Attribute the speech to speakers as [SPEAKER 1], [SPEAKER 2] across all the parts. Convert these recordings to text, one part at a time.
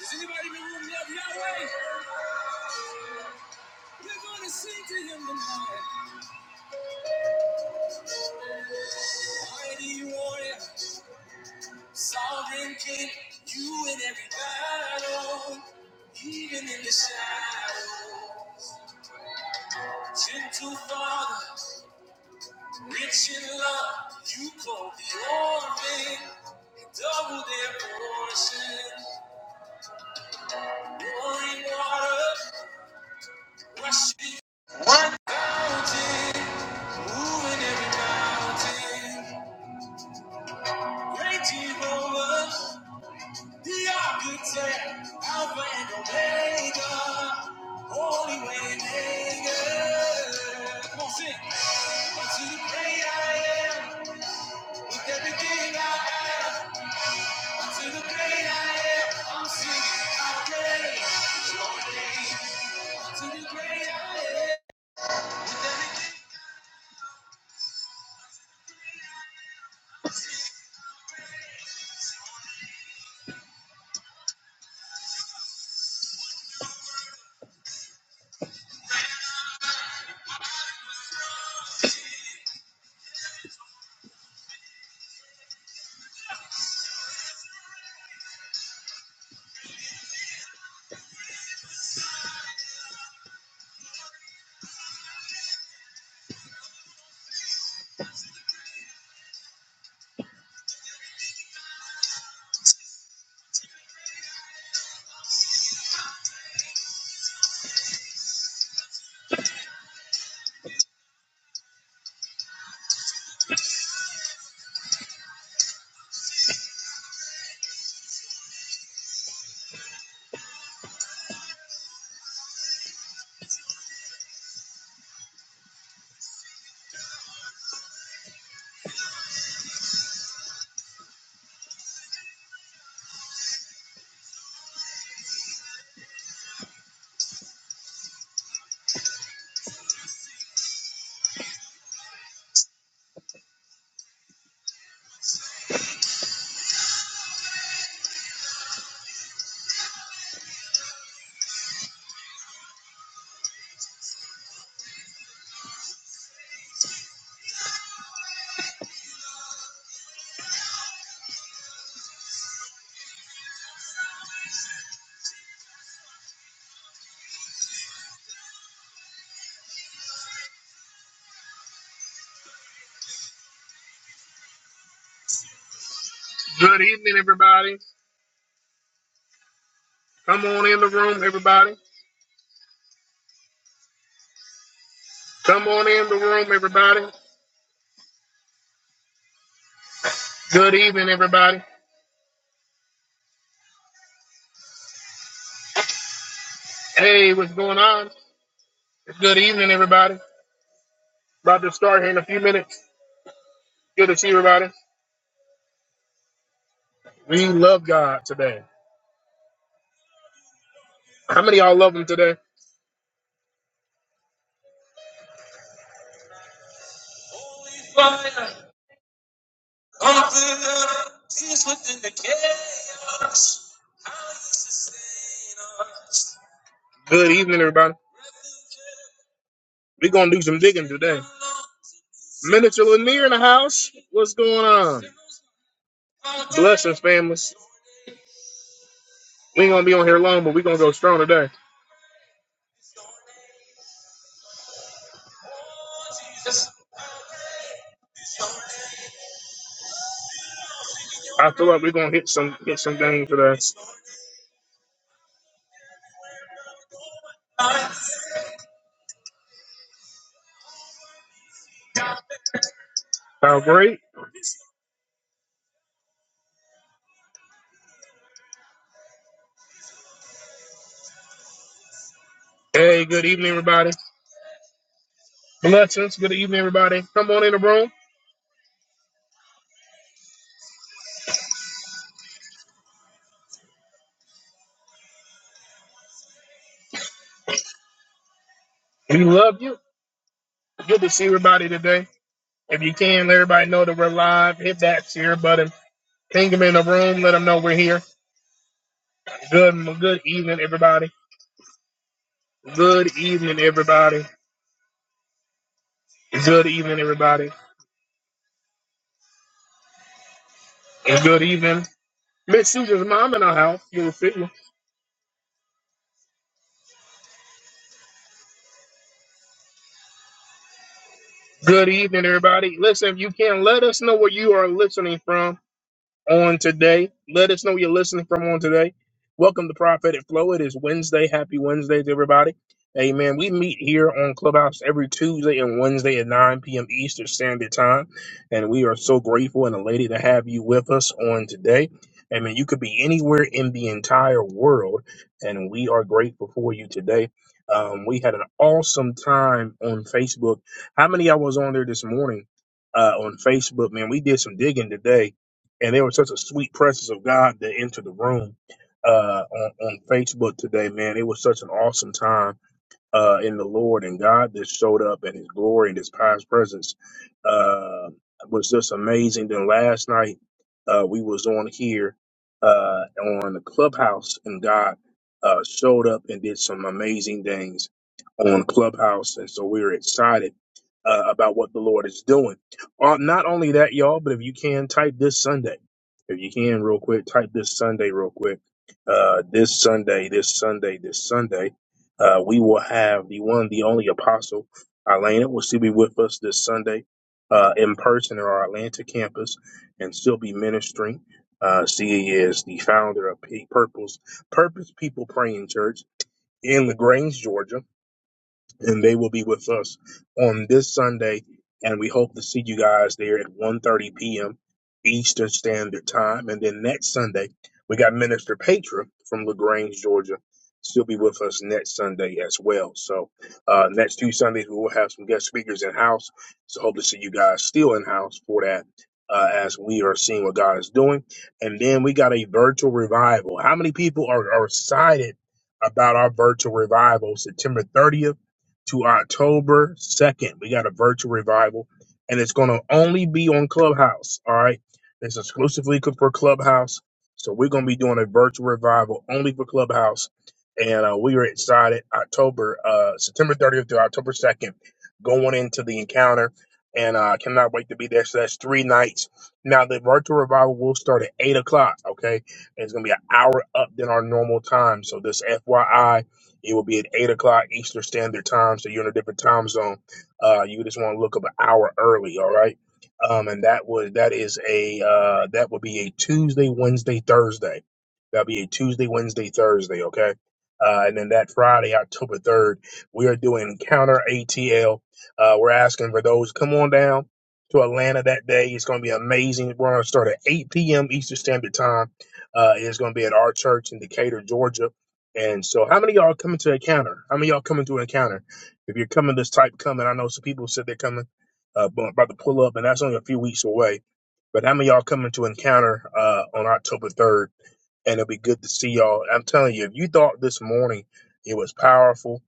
[SPEAKER 1] Does anybody in the room love Yahweh? We're gonna sing to him tonight. Mighty warrior, sovereign king, you in every battle, even in the shadow. Gentle father, rich in love, you clothe the orphan, and double their portion. Pouring water, rushing mountain, moving every mountain. Great Jehovah. The architect, Alpha and Omega, Holy Waymaker. Come on, sing. Unto the great I am, with everything I have. Unto the great I am, I'm singing hallelujah. Unto the great I am. Good evening, everybody. Come on in the room, everybody. Come on in the room, everybody. Good evening, everybody. Hey, what's going on? Good evening, everybody. About to start here in a few minutes. Good to see everybody. We love God today. How many of y'all love Him today? Good evening, everybody. We're going to do some digging today. Minister Lanier in the house. What's going on? Blessings, families. We ain't going to be on here long, but we're going to go strong today. I feel like we're going to hit some hit some things today. Sound great? Hey, good evening, everybody. Blessings. Good evening, everybody. Come on in the room. We love you. Good to see everybody today. If you can, let everybody know that we're live. Hit that share button. Ping them in the room. Let them know we're here. Good, good evening, everybody. Good evening, everybody. Good evening, everybody. And good evening, Miss Susan's mom in our house. You're official. Good evening, everybody. Listen, if you can, let us know where you are listening from. on today. Let us know you're listening from on today. Welcome to Prophetic Flow. It is Wednesday. Happy Wednesday to everybody. Amen. We meet here on Clubhouse every Tuesday and Wednesday at 9 p.m. Eastern Standard Time. And we are so grateful and elated to have you with us on today. Amen. You could be anywhere in the entire world, and we are grateful for you today. Um, we had an awesome time on Facebook. How many I was on there this morning uh, on Facebook? Man, we did some digging today and there was such a sweet presence of God that entered the room uh, on, on Facebook today, man. It was such an awesome time uh, in the Lord and God that showed up in His glory and His past presence uh, was just amazing. Then last night uh, we was on here uh, on the Clubhouse and God uh, showed up and did some amazing things on Clubhouse, and so we are excited. Uh, about what the Lord is doing. Uh, not only that, y'all, but if you can type this Sunday, if you can real quick, type this Sunday real quick. Uh, this Sunday, this Sunday, this Sunday uh, we will have the one, the only apostle, Elena, will still be with us this Sunday uh, in person at our Atlanta campus and still be ministering. Uh, she is the founder of Purple's Purpose Purpose People Praying Church in LaGrange, Georgia and they will be with us on this Sunday. And we hope to see you guys there at one thirty p.m. Eastern Standard Time. And then next Sunday, we got Minister Patra from LaGrange, Georgia. She'll be with us next Sunday as well. So uh, next two Sundays, we will have some guest speakers in-house. So hope to see you guys still in-house for that uh, as we are seeing what God is doing. And then we got a virtual revival. How many people are, are excited about our virtual revival September 30th? to October 2nd. We got a virtual revival, and it's going to only be on Clubhouse. All right. It's exclusively for Clubhouse. So we're going to be doing a virtual revival only for Clubhouse. And uh, we are excited. October, uh, September 30th through October 2nd, going into the encounter. And uh, I cannot wait to be there. So that's three nights. Now, the virtual revival will start at 8 o'clock. Okay. And it's going to be an hour up than our normal time. So this FYI it will be at 8 o'clock Eastern Standard Time, so you're in a different time zone. Uh, you just want to look up an hour early, all right? Um, and that was that is a uh, that would be a Tuesday, Wednesday, Thursday. That'll be a Tuesday, Wednesday, Thursday, okay? Uh, and then that Friday, October 3rd, we are doing Counter ATL. Uh, we're asking for those. Come on down to Atlanta that day. It's going to be amazing. We're going to start at 8 p.m. Eastern Standard Time. Uh, it's going to be at our church in Decatur, Georgia. And so, how many of y'all coming to a counter? How many of y'all coming to a counter? If you're coming this type coming, I know some people said they're coming, uh, bu- about to pull up, and that's only a few weeks away. But how many of y'all coming to encounter uh, on October 3rd? And it'll be good to see y'all. I'm telling you, if you thought this morning it was powerful,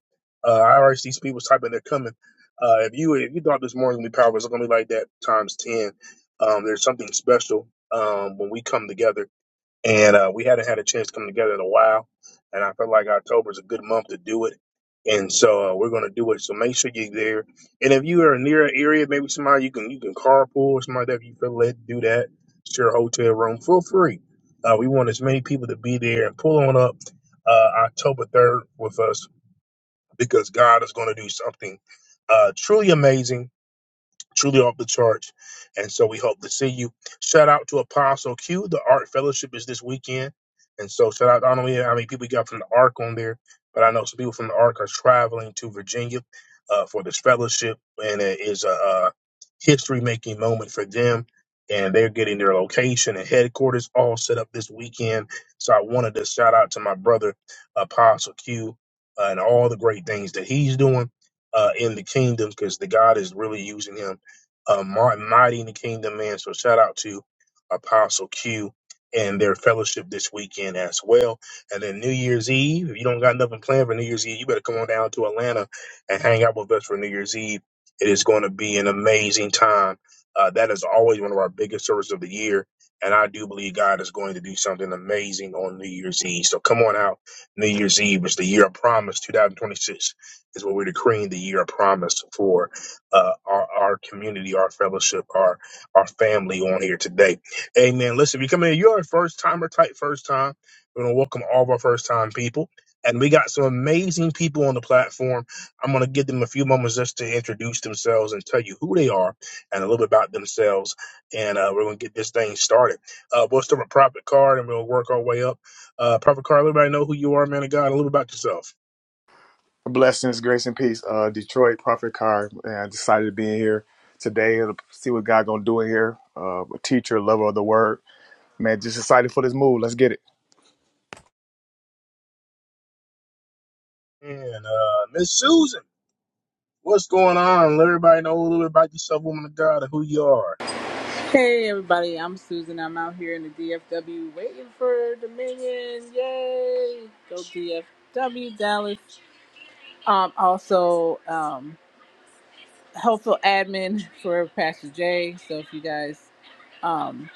[SPEAKER 1] uh, I already see some people typing they're coming. Uh, if you if you thought this morning would be powerful, it's gonna be like that times ten. Um, there's something special um, when we come together and uh, we hadn't had a chance to come together in a while. And I felt like October is a good month to do it, and so uh, we're going to do it. So make sure you're there. And if you are near an area, maybe somebody you can you can carpool or somebody that if you feel led to do that, share a hotel room, feel free. Uh, we want as many people to be there and pull on up uh, October third with us because God is going to do something uh, truly amazing truly off the charts. And so we hope to see you. Shout out to Apostle Q. The Art Fellowship is this weekend. And so shout out, I don't know how many people we got from the Ark on there, but I know some people from the Ark are traveling to Virginia uh, for this fellowship. And it is a, a history making moment for them. And they're getting their location and headquarters all set up this weekend. So I wanted to shout out to my brother, Apostle Q, uh, and all the great things that he's doing uh, in the kingdom because the God is really using him uh, mighty in the kingdom, man. So shout out to Apostle Q and their fellowship this weekend as well. And then New Year's Eve, if you don't got nothing planned for New Year's Eve, you better come on down to Atlanta and hang out with us for New Year's Eve. It is going to be an amazing time. Uh, that is always one of our biggest services of the year. And I do believe God is going to do something amazing on New Year's Eve. So come on out. New Year's Eve is the year of promise. 2026 is what we're decreeing the year of promise for uh, our, our community, our fellowship, our our family on here today. Amen. Listen, if you come in, you're a first timer, type first time. We're gonna welcome all of our first time people. And we got some amazing people on the platform. I'm going to give them a few moments just to introduce themselves and tell you who they are and a little bit about themselves. And uh, we're going to get this thing started. Uh, we'll start with Prophet Card and we'll work our way up. Uh, Prophet Card, let everybody know who you are, man of God, a little about yourself.
[SPEAKER 2] Blessings, grace, and peace. Uh, Detroit Prophet Carr, and I decided to be in here today to see what God gonna do in here. Uh, a teacher, lover of the word, man, just excited for this move. Let's get it.
[SPEAKER 1] And uh, Miss Susan. What's going on? Let everybody know a little bit about yourself, woman of God, and who you are.
[SPEAKER 3] Hey everybody, I'm Susan. I'm out here in the DFW waiting for Dominion. Yay! Go DFW Dallas. Um, also, um, helpful admin for Pastor Jay. So if you guys um,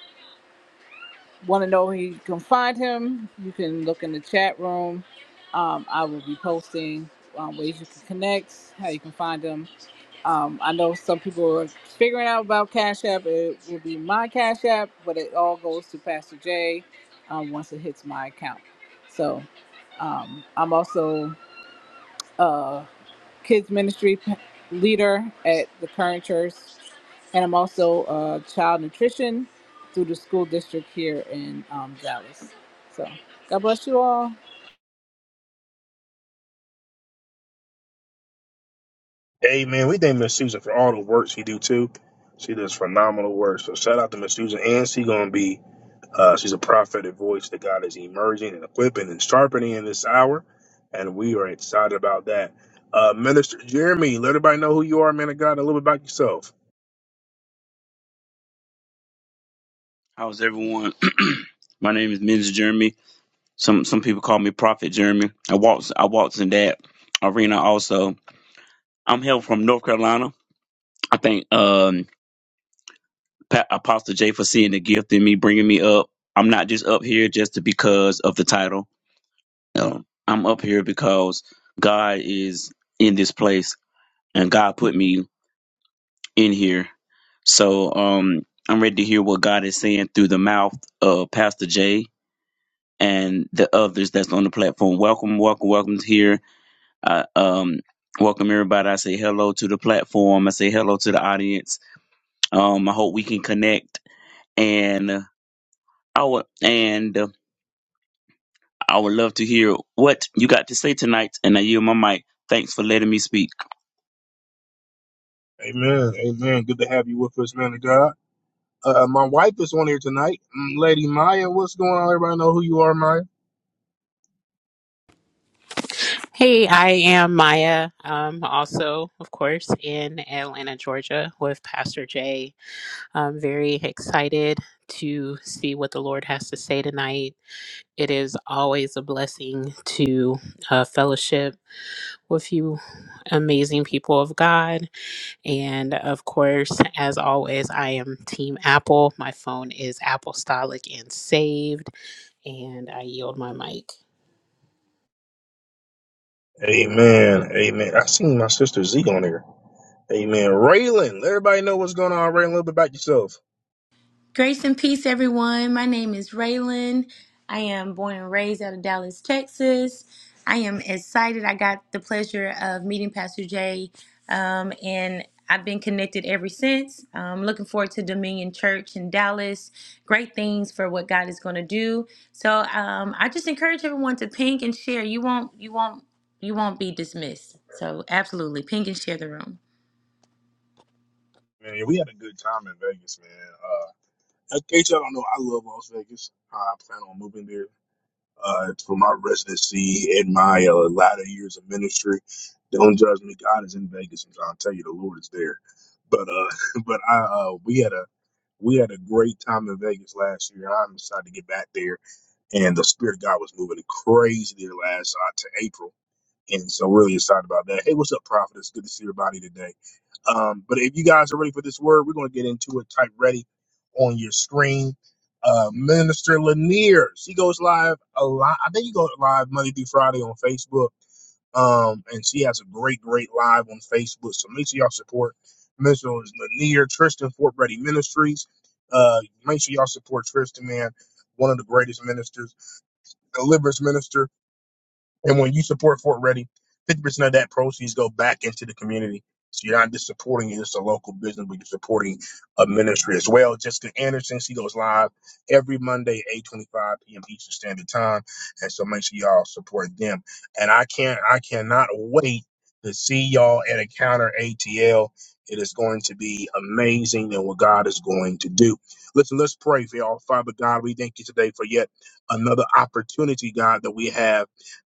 [SPEAKER 3] want to know where you can find him, you can look in the chat room. Um, I will be posting um, ways you can connect, how you can find him, Um, I know some people are figuring out about Cash App. It will be my Cash App, but it all goes to Pastor J um, once it hits my account. So um, I'm also a kids ministry p- leader at the current church, and I'm also a child nutrition through the school district here in um, Dallas. So God bless you all.
[SPEAKER 1] Amen. We thank Miss Susan for all the work she do too. She does phenomenal work. So shout out to Miss Susan, and she gonna be uh, she's a prophetic voice that God is emerging and equipping and sharpening in this hour, and we are excited about that. Uh, Minister Jeremy, let everybody know who you are, man of God, and a little bit about yourself.
[SPEAKER 4] How's everyone? My name is Men's Jeremy. Some some people call me Prophet Jeremy. I walks I walks in that arena also. I'm hail from North Carolina. I thank um, Pa- Apostle Jay for seeing the gift in me, bringing me up. I'm not just up here just to- because of the title. Um, I'm up here because God is in this place and God put me in here. So um, I'm ready to hear what God is saying through the mouth of Pastor Jay and the others that's on the platform. Welcome, welcome, welcome here. I um, welcome everybody. I say hello to the platform. I say hello to the audience. Um, I hope we can connect, and uh, I would and uh, I would love to hear what you got to say tonight. And I yield my mic. Thanks for letting me speak.
[SPEAKER 1] Amen. Amen. Good to have you with us, man of God. Uh, my wife is on here tonight, Mm, Lady Maya. What's going on? Everybody know who you are, Maya.
[SPEAKER 5] Hey, I am Maya, um, also, of course, in Atlanta, Georgia, with Pastor Jay. I'm very excited to see what the Lord has to say tonight. It is always a blessing to uh, fellowship with you, amazing people of God. And of course, as always, I am Team Apple. My phone is Apostolic and saved, and I yield my mic.
[SPEAKER 1] Amen. Amen. I seen my sister Z on here. Amen. Raylan, let everybody know what's going on. Raylan, a little bit about yourself.
[SPEAKER 6] Grace and peace, everyone. My name is Raylan. I am born and raised out of Dallas, Texas. I am excited. I got the pleasure of meeting Pastor Jay, um, and I've been connected ever since. Um, looking forward to Dominion Church in Dallas. Great things for what God is going to do. So um, I just encourage everyone to ping and share. You won't, you won't, you won't be dismissed. So absolutely, ping and share the room.
[SPEAKER 1] Man, yeah, we had a good time in Vegas, man. Uh, in case y'all don't know, I love Las Vegas. Uh, I plan on moving there uh, for my residency and my uh, latter years of ministry. Don't judge me. God is in Vegas, and I'll tell you, the Lord is there. But uh, but I uh, we had a we had a great time in Vegas last year. I'm excited to get back there and the spirit of God was moving crazy there last uh, to April, and so really excited about that. Hey, what's up, Prophet? It's good to see everybody today. Um, but if you guys are ready for this word, we're going to get into it. Type ready on your screen. Uh, Minister Lanier, she goes live a lot. I think you go live Monday through Friday on Facebook. Um, and she has a great, great live on Facebook. So make sure y'all support Minister Lanier, Tristan Fort Ready Ministries. Uh, make sure y'all support Tristan, man, one of the greatest ministers deliverance minister and when you support Fort Ready, 50% of that proceeds go back into the community. So you're not just supporting just a local business, but you're supporting a ministry as well. Jessica Anderson, she goes live every Monday, 8.25 p.m. Eastern Standard Time. And so make sure y'all support them. And I can't, I cannot wait to see y'all at Encounter ATL. It is going to be amazing and what God is going to do. Listen, let's pray for y'all. Father God, we thank you today for yet another opportunity, God, that we have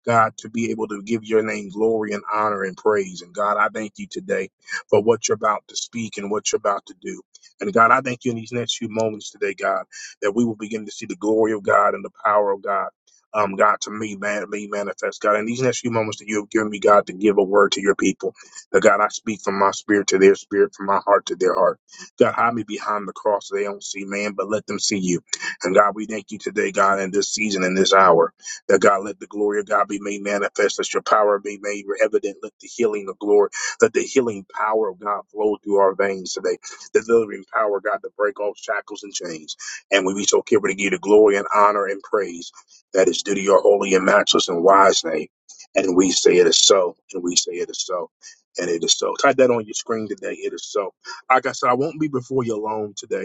[SPEAKER 1] God, to be able to give your name glory and honor and praise. And God, I thank you today for what you're about to speak and what you're about to do. And God, I thank you in these next few moments today, God, that we will begin to see the glory of God and the power of God. Um, God, to me, man, me manifest, God. In these next few moments that you have given me, God, to give a word to your people, that God, I speak from my spirit to their spirit, from my heart to their heart. God, hide me behind the cross so they don't see man, but let them see you. And God, we thank you today, God, in this season in this hour. That God, let the glory of God be made manifest. Let your power be made evident. Let the healing of glory, let the healing power of God flow through our veins today. The delivering power, God, to break off shackles and chains. And we be so careful to give you the glory and honor and praise that is due to your holy and matchless and wise name. And we say it is so, and we say it is so, and it is so. Type that on your screen today. It is so. Like I said, I won't be before you alone today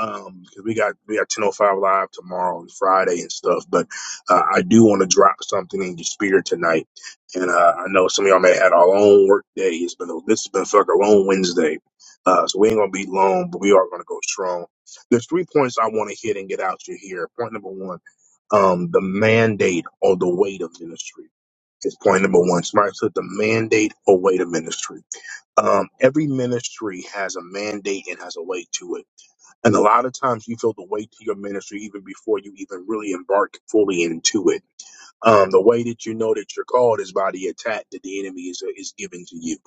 [SPEAKER 1] um, Because we got we got 1005 live tomorrow and friday and stuff but uh, i do want to drop something in your spirit tonight and uh, i know some of y'all may have had our own work day it's been this has been like our own wednesday uh, so we ain't gonna be long but we are gonna go strong there's three points i want to hit and get out you here point number one um the mandate or the weight of ministry is point number one somebody said the mandate or weight of ministry um every ministry has a mandate and has a weight to it and a lot of times you feel the weight to your ministry even before you even really embark fully into it. Um, the way that you know that you're called is by the attack that the enemy is, is giving to you.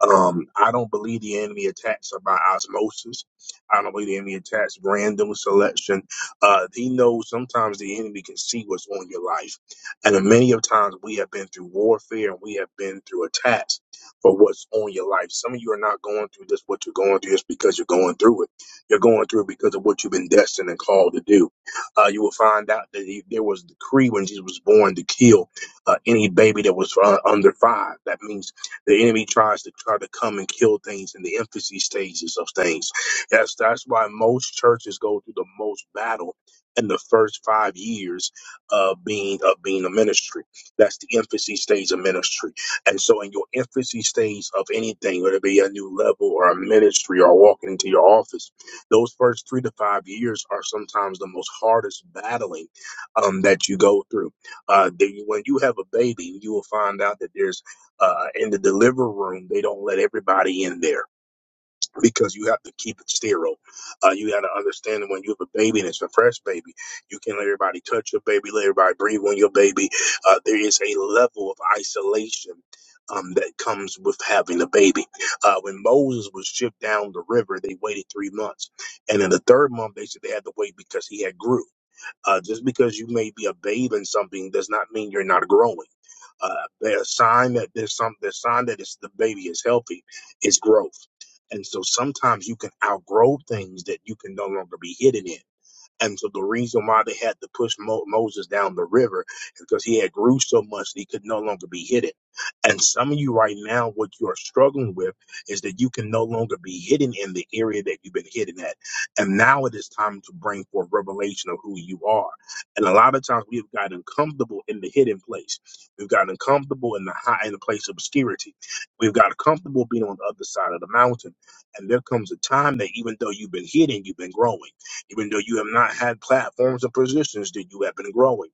[SPEAKER 1] Um, I don't believe the enemy attacks by osmosis. I don't believe the enemy attacks random selection. Uh, he knows sometimes the enemy can see what's on your life. And many of times we have been through warfare and we have been through attacks for what's on your life. Some of you are not going through this, what you're going through is because you're going through it. You're going through it because of what you've been destined and called to do. Uh, you will find out that he, there was a decree when Jesus was born to kill uh, any baby that was uh, under five. That means the enemy tries to try to come and kill things in the infancy stages of things. That's that's why most churches go through the most battle in the first five years of being of being a ministry. That's the infancy stage of ministry. And so in your infancy stage of anything, whether it be a new level or a ministry or walking into your office, those first three to five years are sometimes the most hardest battling um, that you go through. Uh, then when you have a baby, you will find out that there's uh, in the delivery room, they don't let everybody in there because you have to keep it sterile. Uh, you got to understand that when you have a baby and it's a fresh baby, you can't let everybody touch your baby, let everybody breathe on your baby. Uh, there is a level of isolation. Um, that comes with having a baby. Uh, when Moses was shipped down the river, they waited three months. And in the third month, they said they had to wait because he had grew. Uh, just because you may be a babe in something does not mean you're not growing. Uh, a sign that there's some, the sign that it's, the baby is healthy is growth. And so sometimes you can outgrow things that you can no longer be hidden in. And so the reason why they had to push Mo- Moses down the river is because he had grew so much that he could no longer be hidden. And some of you right now, what you are struggling with is that you can no longer be hidden in the area that you've been hidden at. And now it is time to bring forth revelation of who you are. And a lot of times we've gotten comfortable in the hidden place. We've gotten comfortable in the high, in the place of obscurity. We've gotten comfortable being on the other side of the mountain. And there comes a time that even though you've been hidden, you've been growing even though you have not had platforms and positions that you have been growing.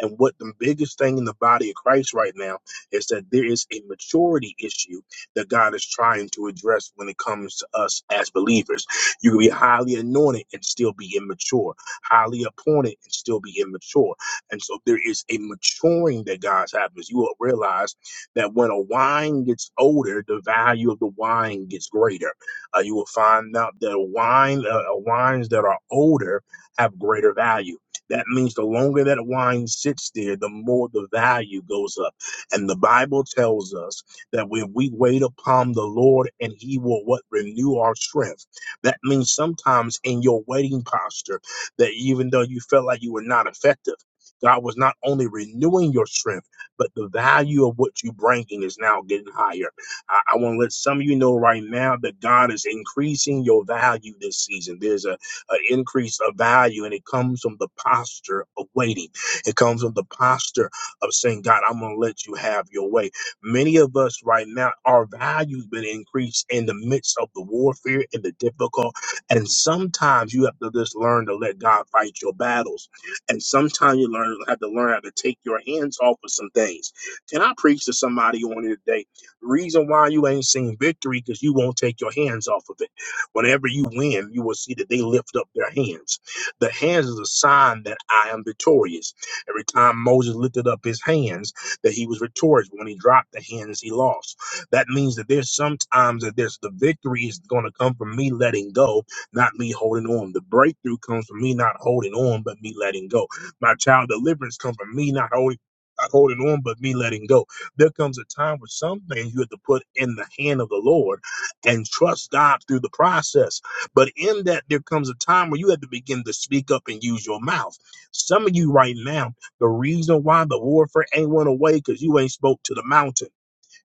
[SPEAKER 1] And what the biggest thing in the body of Christ right now is that there is a maturity issue that God is trying to address when it comes to us as believers. You can be highly anointed and still be immature, highly appointed and still be immature. And so there is a maturing that God's happens. You will realize that when a wine gets older, the value of the wine gets greater uh, you will find out that wine, uh, uh, wines that are older have greater value. That means the longer that wine sits there, the more the value goes up. And the Bible tells us that when we wait upon the Lord and he will what renew our strength. That means sometimes in your waiting posture, that even though you felt like you were not effective, God was not only renewing your strength, but the value of what you bringing is now getting higher. I, I want to let some of you know right now that God is increasing your value this season. There's a, a increase of value, and it comes from the posture of waiting. It comes from the posture of saying, God, I'm going to let you have your way. Many of us right now, our value's been increased in the midst of the warfare and the difficult. And sometimes you have to just learn to let God fight your battles. And sometimes you learn have to learn how to take your hands off of some things. Can I preach to somebody on here today? The Reason why you ain't seen victory because you won't take your hands off of it. Whenever you win, you will see that they lift up their hands. The hands is a sign that I am victorious. Every time Moses lifted up his hands, that he was victorious. When he dropped the hands, he lost. That means that there's sometimes that there's the victory is going to come from me letting go, not me holding on. The breakthrough comes from me not holding on, but me letting go. My child deliverance comes from me not holding. Not holding on, but me letting go. There comes a time where some things you have to put in the hand of the Lord and trust God through the process. But in that, there comes a time where you have to begin to speak up and use your mouth. Some of you right now, the reason why the warfare ain't went away because you ain't spoke to the mountain.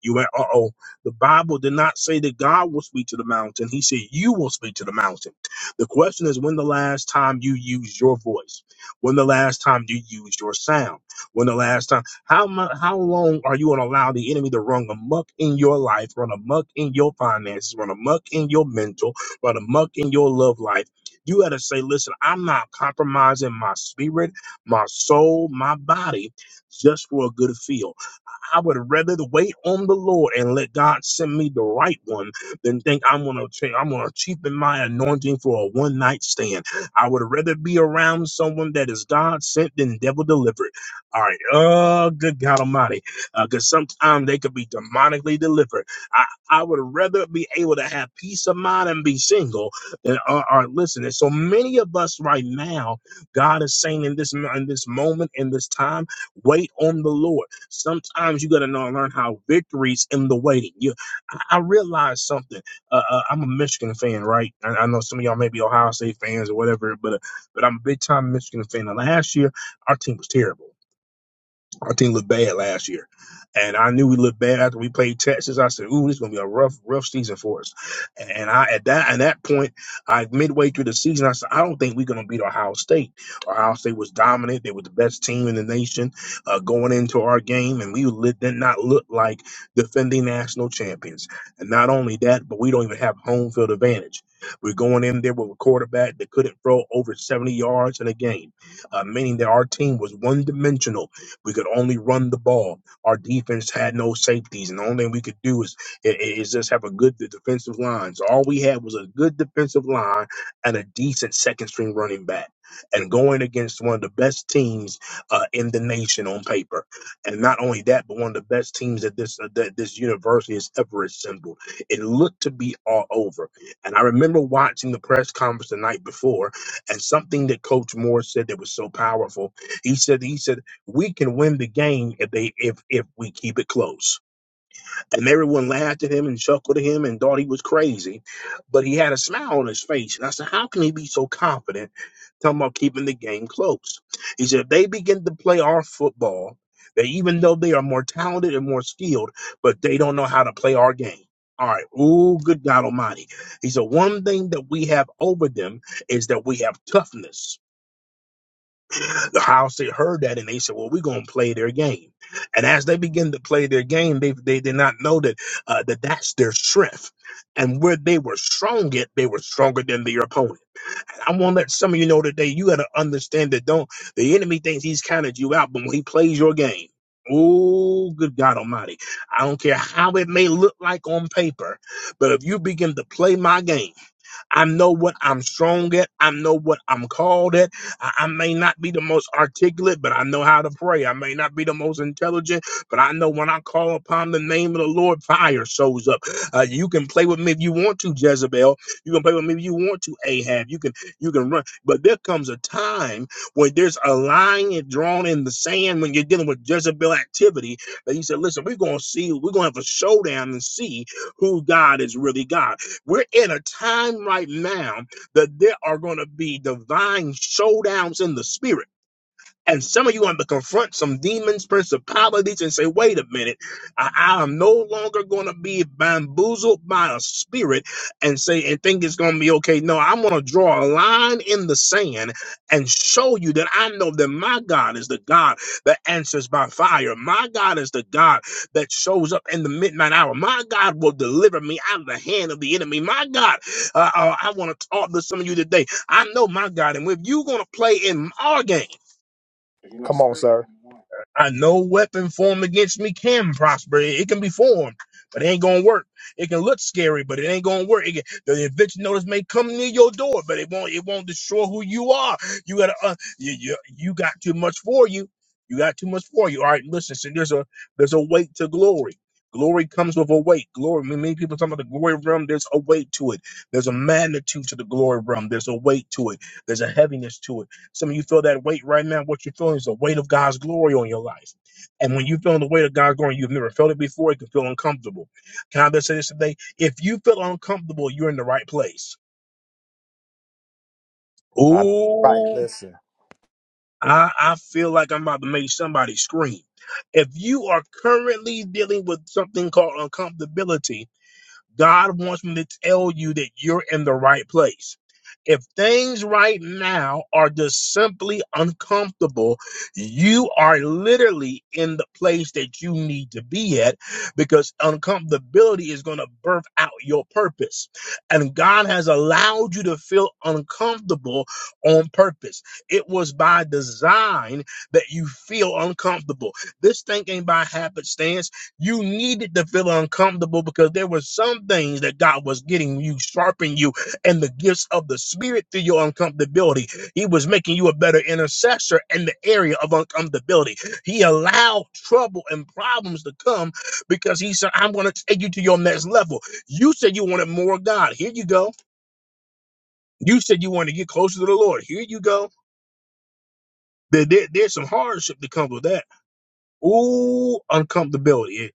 [SPEAKER 1] You went, uh oh. The Bible did not say that God will speak to the mountain. He said you will speak to the mountain. The question is when the last time you used your voice? When the last time you used your sound? When the last time? How mu How long are you going to allow the enemy to run amok in your life, run amok in your finances, run amok in your mental, run amok in your love life? You got to say, listen, I'm not compromising my spirit, my soul, my body just for a good feel. I would rather wait on the Lord and let God send me the right one than think I'm gonna ch- I'm gonna cheapen my anointing for a one night stand. I would rather be around someone that is God sent than devil delivered. All right, oh good God Almighty, because sometimes they could be demonically delivered. I I would rather be able to have peace of mind and be single than uh, uh, listen. And so many of us right now, God is saying in this in this moment in this time, wait on the Lord. Sometimes you got to know and learn how victories in the waiting. You, I, I realized something. Uh, uh, I'm a Michigan fan, right? I, I know some of y'all may be Ohio State fans or whatever, but uh, but I'm a big time Michigan fan. And last year, our team was terrible. Our team looked bad last year, and I knew we looked bad after we played Texas. I said, "Ooh, this is gonna be a rough, rough season for us." And I at that at that point, I midway through the season, I said, "I don't think we're gonna beat Ohio State." Ohio State was dominant; they were the best team in the nation uh, going into our game, and we lit, did not look like defending national champions. And not only that, but we don't even have home field advantage. We're going in there with a quarterback that couldn't throw over 70 yards in a game, uh, meaning that our team was one dimensional we could only run the ball. Our defense had no safeties, and the only thing we could do is, is just have a good defensive line. So all we had was a good defensive line and a decent second string running back. And going against one of the best teams uh, in the nation on paper, and not only that, but one of the best teams that this uh, that this university has ever assembled. It looked to be all over. And I remember watching the press conference the night before, and something that Coach Moore said that was so powerful. He said he said we can win the game if they if if we keep it close. And everyone laughed at him and chuckled at him and thought he was crazy, but he had a smile on his face. And I said, how can he be so confident talking about keeping the game close? He said, if they begin to play our football, that even though they are more talented and more skilled, but they don't know how to play our game. All right. Ooh, good God Almighty. He said, one thing that we have over them is that we have toughness the house they heard that and they said, "Well, we're going to play their game." And as they begin to play their game, they they did not know that uh, that that's their strength. And where they were strong at, they were stronger than their opponent. And I want to let some of you know today, you got to understand that don't the enemy thinks he's counted you out, but when he plays your game. Oh, good God Almighty. I don't care how it may look like on paper, but if you begin to play my game, I know what I'm strong at. I know what I'm called at. I, I may not be the most articulate, but I know how to pray. I may not be the most intelligent, but I know when I call upon the name of the Lord, fire shows up. Uh, you can play with me if you want to, Jezebel. You can play with me if you want to, Ahab. You can you can run, but there comes a time when there's a line drawn in the sand when you're dealing with Jezebel activity. That he said, "Listen, we're gonna see. We're gonna have a showdown and see who God is really God." We're in a time right now that there are going to be divine showdowns in the spirit and some of you are going to confront some demons, principalities, and say, wait a minute, I, I am no longer going to be bamboozled by a spirit and say, and think it's going to be okay. No, I'm going to draw a line in the sand and show you that I know that my God is the God that answers by fire. My God is the God that shows up in the midnight hour. My God will deliver me out of the hand of the enemy. My God, uh, uh, I want to talk to some of you today. I know my God, and if you're going to play in our game,
[SPEAKER 2] Come on, sir.
[SPEAKER 1] I no weapon formed against me can prosper. It, it can be formed, but it ain't gonna work. It can look scary, but it ain't gonna work. It can, the eviction notice may come near your door, but it won't. It won't destroy who you are. You gotta. Uh, you, you you got too much for you. You got too much for you. All right, listen. So there's a there's a weight to glory. Glory comes with a weight. Glory. Many many people talk about the glory realm. There's a weight to it. There's a magnitude to the glory realm. There's a weight to it. There's a heaviness to it some of you feel that weight right now. What you're feeling is the weight of God's glory on your life. And when you feel the weight of God's glory, you've never felt it before, it can feel uncomfortable. Can I just say this today? If you feel uncomfortable, you're in the right place.
[SPEAKER 2] I, right,
[SPEAKER 1] Ooh,
[SPEAKER 2] listen.
[SPEAKER 1] I, I feel like I'm about to make somebody scream. If you are currently dealing with something called uncomfortability, God wants me to tell you that you're in the right place. If things right now are just simply uncomfortable, you are literally in the place that you need to be at because uncomfortability is going to birth out your purpose. And God has allowed you to feel uncomfortable on purpose. It was by design that you feel uncomfortable. This thing ain't by happenstance. You needed to feel uncomfortable because there were some things that God was getting you, sharpening you, and the gifts of the Spirit through your uncomfortability. He was making you a better intercessor in the area of uncomfortability. He allowed trouble and problems to come because He said, I'm going to take you to your next level. You said you wanted more of God. Here you go. You said you wanted to get closer to the Lord. Here you go. There, there- there's some hardship that comes with that. Ooh, uncomfortability. If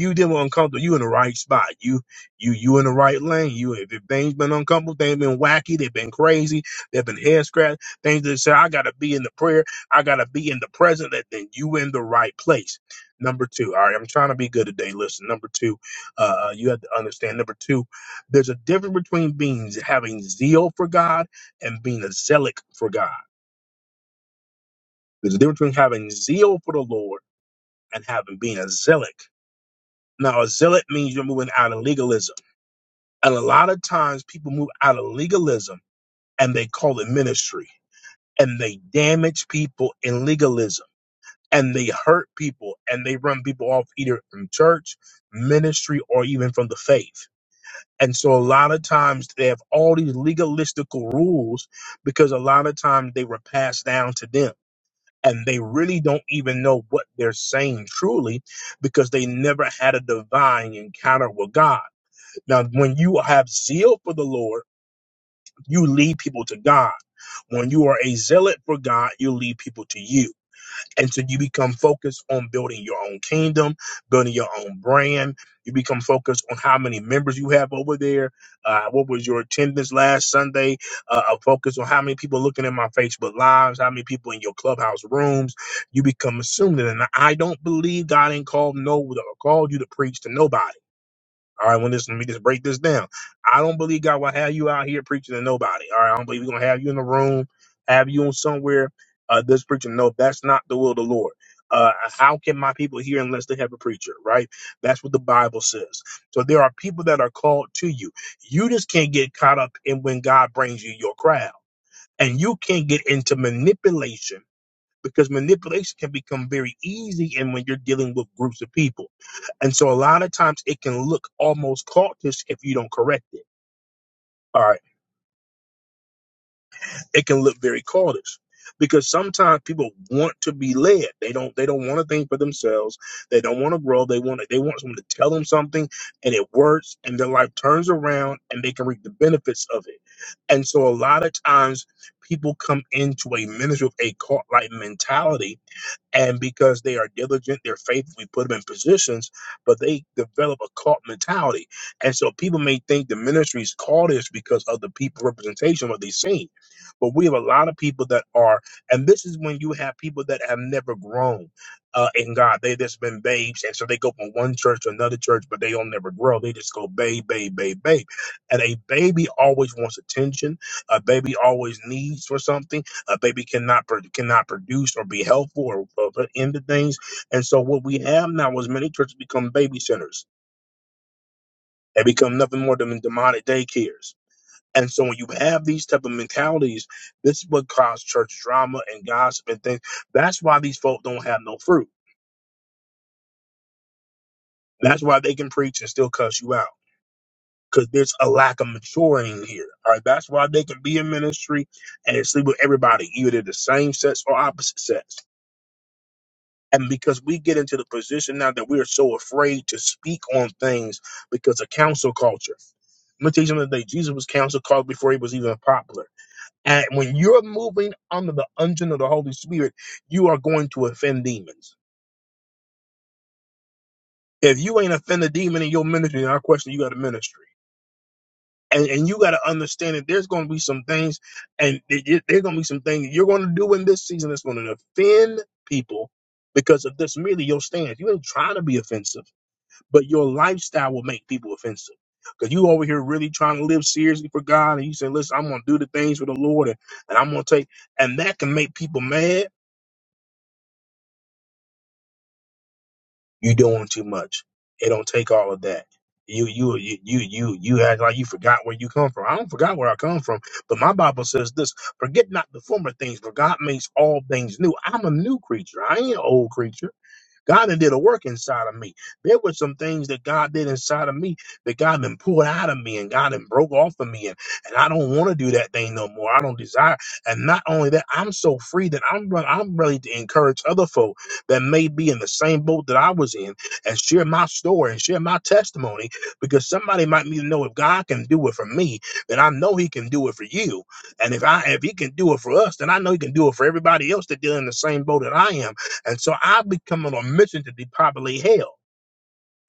[SPEAKER 1] you deal with uncomfortable, you in the right spot. You you you in the right lane. You if, if things been uncomfortable, things been wacky, they've been crazy, they've been head scratch, things that say I gotta be in the prayer, I gotta be in the present. That then you in the right place. Number two, all right, I'm trying to be good today. Listen, number two, uh, uh, you have to understand. Number two, there's a difference between being having zeal for God and being a zealot for God. There's a difference between having zeal for the Lord and having being a zealot Now, a zealot means you're moving out of legalism. And a lot of times people move out of legalism and they call it ministry and they damage people in legalism and they hurt people and they run people off either from church, ministry, or even from the faith. And so a lot of times they have all these legalistical rules because a lot of times they were passed down to them and they really don't even know what they're saying truly because they never had a divine encounter with God Now, when you have zeal for the Lord, you lead people to God. When you are a zealot for God, you lead people to you. And so you become focused on building your own kingdom, building your own brand. You become focused on how many members you have over there. Uh, what was your attendance last Sunday? Uh, a focus on how many people looking at my Facebook lives, how many people in your clubhouse rooms. You become assumed. And I don't believe God ain't called no called you to preach to nobody. All right, when this let me just break this down. I don't believe God will have you out here preaching to nobody. All right, I don't believe we're gonna have you in the room, have you on somewhere uh this preaching. No, that's not the will of the Lord. Uh how can my people hear unless they have a preacher, right? That's what the Bible says. So there are people that are called to you. You just can't get caught up in when God brings you your crowd. And you can't get into manipulation because manipulation can become very easy and when you're dealing with groups of people. And so a lot of times it can look almost cultish if you don't correct it. All right. It can look very cultish because sometimes people want to be led. They don't they don't want to think for themselves. They don't want to grow. They want to, they want someone to tell them something and it works and their life turns around and they can reap the benefits of it. And so a lot of times people come into a ministry with a cult like mentality And because they are diligent, they're faithful, we put them in positions, but they develop a cult mentality. And so people may think the ministries call this because of the people representation, what they've seen. But we have a lot of people that are, and this is when you have people that have never grown uh, in God. They just been babes. And so they go from one church to another church, but they don't never grow. They just go babe, babe, babe, babe. And a baby always wants attention. A baby always needs for something a baby cannot pro- cannot produce or be helpful or, or put into things. And so what we have now is many churches become baby centers. They become nothing more than demonic daycares. And so when you have these type of mentalities, this is what caused church drama and gossip and things. That's why these folk don't have no fruit. That's why they can preach and still cuss you out. Because there's a lack of maturing here. All right. That's why they can be in ministry and sleep with everybody, either the same sex or opposite sex And because we get into the position now that we are so afraid to speak on things because of council culture. Let me tell you something today. Jesus was council called before he was even popular. And when you're moving under the unction of the Holy Spirit, you are going to offend demons. If you ain't offend a demon in your ministry, then I question you got a ministry. And, and you got to understand that there's going to be some things, and there's going to be some things you're going to do in this season that's going to offend people because of this merely your stance. You ain't trying to be offensive. but your lifestyle will make people offensive. Because you over here really trying to live seriously for God, and you say, "Listen, I'm going to do the things for the Lord, and, and I'm going to take," and that can make people mad. You doing too much. It don't take all of that. You you you you you you act like you forgot where you come from. I don't forgot where I come from, but my Bible says this: forget not the former things, for God makes all things new. I'm a new creature. I ain't an old creature. God done did a work inside of me. There were some things that God did inside of me that God done pulled out of me and God done broke off of me. And, and I don't want to do that thing no more. I don't desire. And not only that, I'm so free that I'm, re- I'm ready to encourage other folk that may be in the same boat that I was in and share my story and share my testimony because somebody might need to know if God can do it for me, then I know he can do it for you. And if I if he can do it for us, then I know he can do it for everybody else that dealing in the same boat that I am and so I've become on a mission to depopulate hell.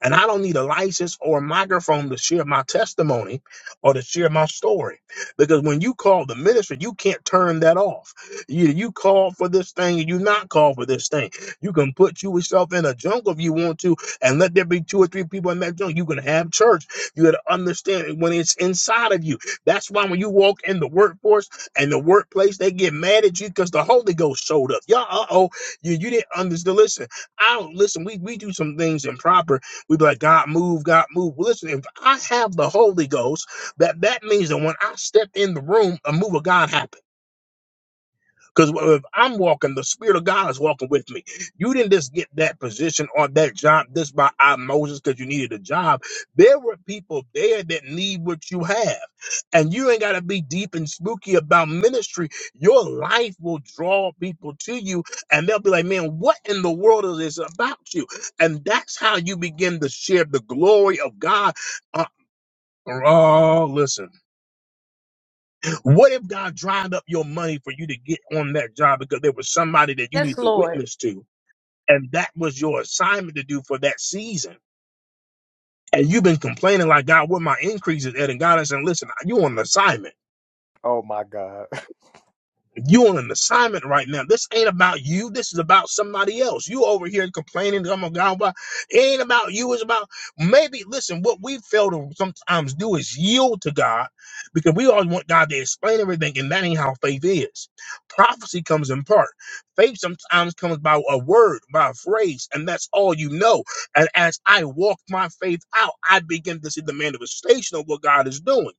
[SPEAKER 1] And I don't need a license or a microphone to share my testimony or to share my story. Because when you call the ministry, you can't turn that off. You, you call for this thing and you not call for this thing. You can put you yourself in a jungle if you want to and let there be two or three people in that jungle. You can have church. You got to understand it when it's inside of you. That's why when you walk in the workforce and the workplace, they get mad at you because the Holy Ghost showed up. Y'all, uh-oh, you, you didn't understand. Listen, I don't, listen, we, we do some things improper We'd be like, God, move, God, move. Well, listen, if I have the Holy Ghost, that that means that when I step in the room, a move of God happens. Because if I'm walking, the Spirit of God is walking with me. You didn't just get that position or that job just by osmosis because you needed a job. There were people there that need what you have. And you ain't got to be deep and spooky about ministry. Your life will draw people to you, and they'll be like, man, what in the world is this about you? And that's how you begin to share the glory of God. Uh, oh, listen. What if God dried up your money for you to get on that job because there was somebody that you need to witness to, and that was your assignment to do for that season? And you've been complaining like God, what my increase is at, and God is saying, "Listen, you on an assignment."
[SPEAKER 2] Oh my God.
[SPEAKER 1] you on an assignment right now. This ain't about you. This is about somebody else. You over here complaining, oh my God, why- it ain't about you. It's about maybe listen, what we fail to sometimes do is yield to God because we always want God to explain everything, and that ain't how faith is. Prophecy comes in part. Faith sometimes comes by a word, by a phrase, and that's all you know. And as I walk my faith out, I begin to see the manifestation of what God is doing.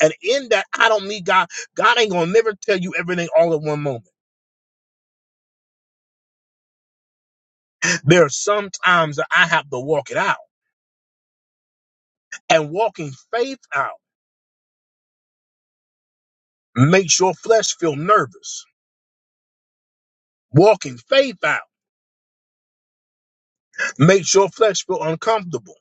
[SPEAKER 1] And in that, I don't need God. God ain't gonna never tell you everything all at one moment. There are some times that I have to walk it out. And walking faith out makes your flesh feel nervous. Walking faith out makes your flesh feel uncomfortable.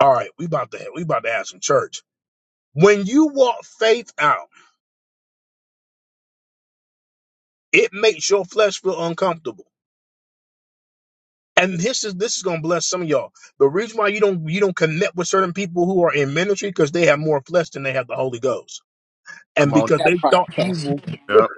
[SPEAKER 1] All right, we about to we about to have some church. When you walk faith out, it makes your flesh feel uncomfortable. And this is this is gonna bless some of y'all. The reason why you don't you don't connect with certain people who are in ministry because they have more flesh than they have the Holy Ghost,
[SPEAKER 2] Come
[SPEAKER 1] and
[SPEAKER 2] on.
[SPEAKER 1] because
[SPEAKER 3] That
[SPEAKER 1] they thought you
[SPEAKER 3] part.
[SPEAKER 1] will
[SPEAKER 2] Yep.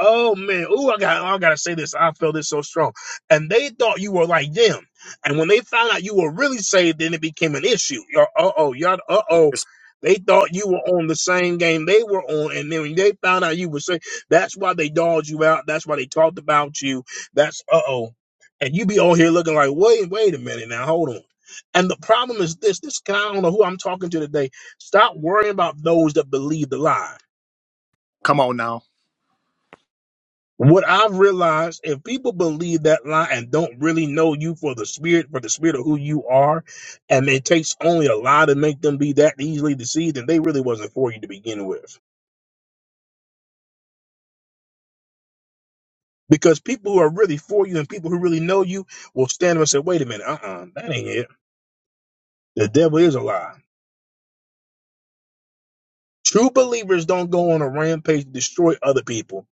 [SPEAKER 1] Oh man, ooh, I got, I gotta say this. I feel this so strong. And they thought you were like them. And when they found out you were really saved, then it became an issue. Y'all, uh oh, y'all, uh oh.
[SPEAKER 2] Listen.
[SPEAKER 1] They thought you were on the same game they were on, and then when they found out you were saved, that's why they dogged you out. That's why they talked about you. That's uh oh. And you be on here looking like, wait, wait a minute now, hold on. And the problem is this: this guy, I don't know who I'm talking to today. Stop worrying about those that believe the lie
[SPEAKER 2] Come on now.
[SPEAKER 1] What I've realized, if people believe that lie and don't really know you for the spirit, for the spirit of who you are, and it takes only a lie to make them be that easily deceived, then they really wasn't for you to begin with. Because people who are really for you and people who really know you will stand up and say, wait a minute, uh-uh, that ain't it. The devil is a lie. True believers don't go on a rampage to destroy other people.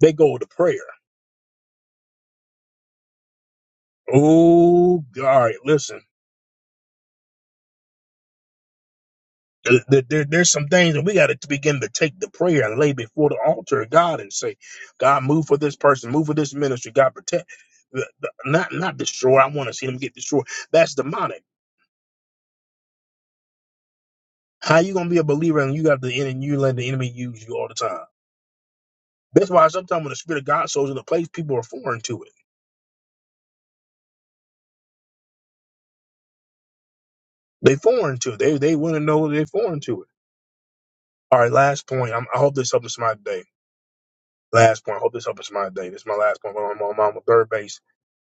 [SPEAKER 1] They go to prayer. Oh, all right, listen. There- there- there's some things that we got to begin to take the prayer and lay before the altar of God and say, God, move for this person, move for this ministry, God protect, the- the- not not destroy. I want to see them get destroyed. That's demonic. How you gonna be a believer and you got the enemy, you let the enemy use you all the time? That's why sometimes when the spirit of God sows in a place, people are foreign to it. They foreign to it. They they want to know they're foreign to it. All right, last point. I'm, I hope this helps somebody today. Last point. I hope this helps somebody today. This is my last point. I'm on, I'm on my third base.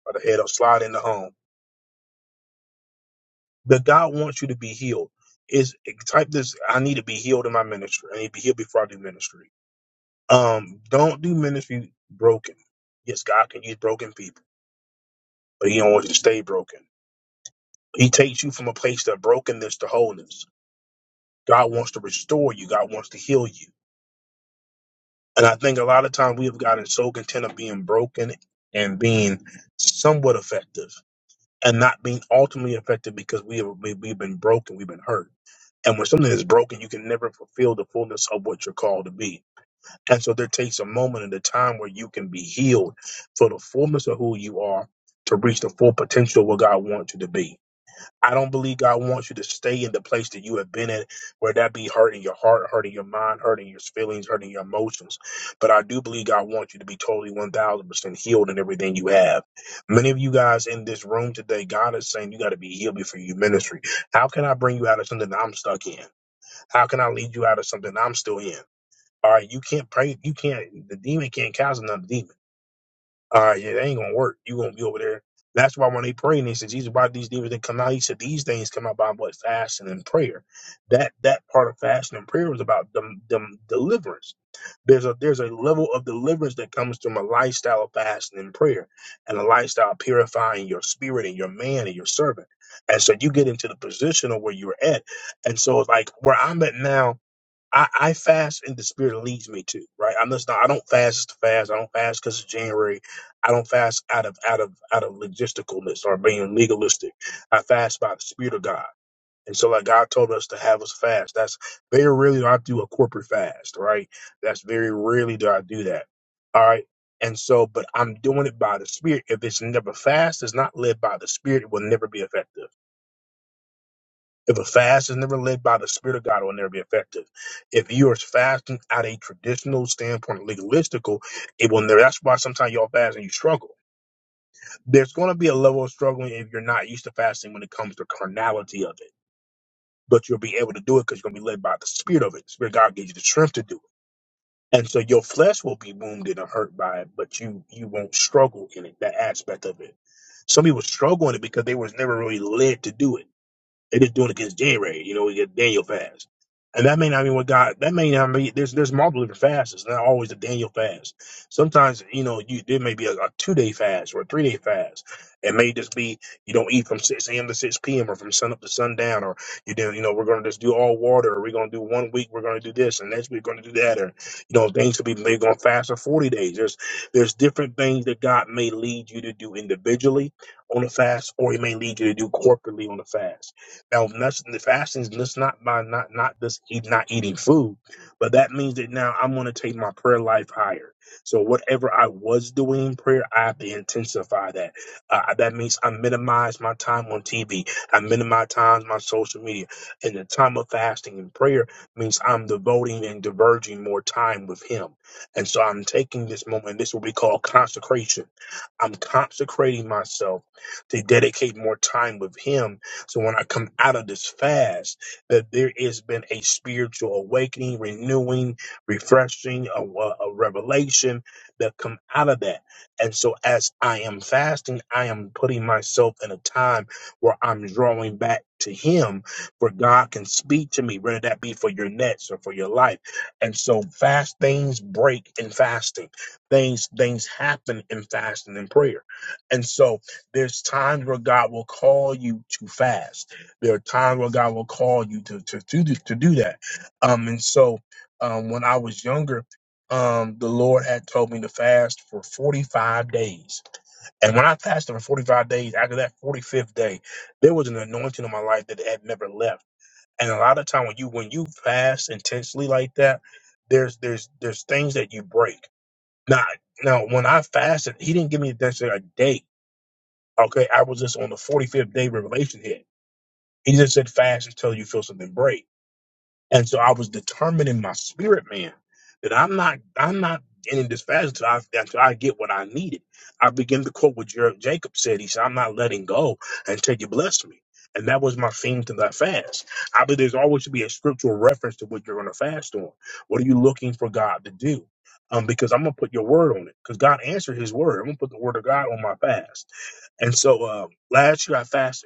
[SPEAKER 1] By the head, I'll slide into home. that God wants you to be healed is type this I need to be healed in my ministry. I need to be healed before I do ministry. Um, don't do ministry broken. Yes, God can use broken people, but He don't want you to stay broken. He takes you from a place of brokenness to wholeness. God wants to restore you, God wants to heal you. And I think a lot of times we have gotten so content of being broken and being somewhat effective and not being ultimately effective because we have we, we've been broken, we've been hurt. And when something is broken, you can never fulfill the fullness of what you're called to be. And so there takes a moment in the time where you can be healed for the fullness of who you are to reach the full potential of what God wants you to be. I don't believe God wants you to stay in the place that you have been in, where that be hurting your heart, hurting your mind, hurting your feelings, hurting your emotions. But I do believe God wants you to be totally 1000% healed in everything you have. Many of you guys in this room today, God is saying you got to be healed before you ministry. How can I bring you out of something that I'm stuck in? How can I lead you out of something I'm still in? All right, you can't pray. You can't. The demon can't cast another demon. All right, yeah, that ain't gonna work. You gonna be over there. That's why when they pray and they said Jesus brought these demons that come out, he said these things come out by what fasting and prayer. That that part of fasting and prayer was about them, them deliverance. There's a there's a level of deliverance that comes from a lifestyle of fasting and prayer, and a lifestyle of purifying your spirit and your man and your servant. And so you get into the position of where you're at. And so it's like where I'm at now I, I fast and the spirit leads me to, right? I'm just not I don't fast to fast. I don't fast because it's January. I don't fast out of out of out of logisticalness or being legalistic. I fast by the spirit of God. And so like God told us to have us fast. That's very rarely do I do a corporate fast, right? That's very rarely do I do that. All right. And so, but I'm doing it by the spirit. If it's never fast, it's not led by the spirit, it will never be effective. If a fast is never led by the Spirit of God, it will never be effective. If you are fasting out a traditional standpoint, legalistical, it will never. That's why sometimes y'all fast and you struggle. There's going to be a level of struggling if you're not used to fasting when it comes to carnality of it, but you'll be able to do it because you're going to be led by the Spirit of it. The Spirit of God gives you the strength to do it, and so your flesh will be wounded and hurt by it, but you you won't struggle in it. That aspect of it. Some people struggle in it because they was never really led to do it they're just doing it because January. You know, we get Daniel fast, and that may not mean what God. That may not mean there's there's multiple different fasts. It's not always a Daniel fast. Sometimes you know you there may be a, a two day fast or a three day fast. It may just be you don't eat from six a.m. to six p.m. or from sun up to sundown, or you do you know we're going to just do all water, or we're going to do one week we're going to do this, and next week we're going to do that, or you know things could be maybe going to fast for forty days. There's there's different things that God may lead you to do individually on a fast, or He may lead you to do corporately on a fast now, nothing, the fasting is just not by not not just eat, not eating food, but that means that now I'm going to take my prayer life higher. So whatever I was doing prayer, I have to intensify that. Uh, that means I minimize my time on TV. I minimize times my social media. And the time of fasting and prayer means I'm devoting and diverging more time with Him. And so I'm taking this moment. This will be called consecration. I'm consecrating myself to dedicate more time with Him so when I come out of this fast, that there has been a spiritual awakening, renewing, refreshing, a, a a revelation that come out of that. And so as I am fasting, I am putting myself in a time where I'm drawing back to Him, where God can speak to me, whether that be for your nets or for your life. And so fast things break in fasting. Things things happen in fasting and prayer. And so there's times where God will call you to fast. There are times where God will call you to to to do, to do that. Um, and so um, when I was younger, um, the Lord had told me to fast for 45 days. And when I fasted for 45 days, after that 45th day, there was an anointing in my life that had never left. And a lot of time when you when you fast intensely like that, there's there's there's things that you break. Now now when I fasted, He didn't give me necessarily a date Okay, I was just on the 45th day revelation here. He just said fast until you feel something break. And so I was determined in my spirit, man, that I'm not, I'm not in this fashion until I, until I get what I needed. I begin to quote what Jer- Jacob said. He said, I'm not letting go until you bless me. And that was my theme to that fast. I believe there's always should be a scriptural reference to what you're going to fast on. What are you looking for God to do? Um, because I'm going to put your word on it because God answered his word. I'm going to put the word of God on my fast. And so uh, last year I fasted.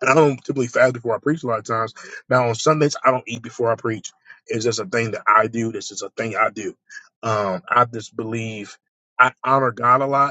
[SPEAKER 1] And I don't typically fast before I preach a lot of times. Now on Sundays, I don't eat before I preach. It's just a thing that I do. This is a thing I do. Um, I just believe I honor God a lot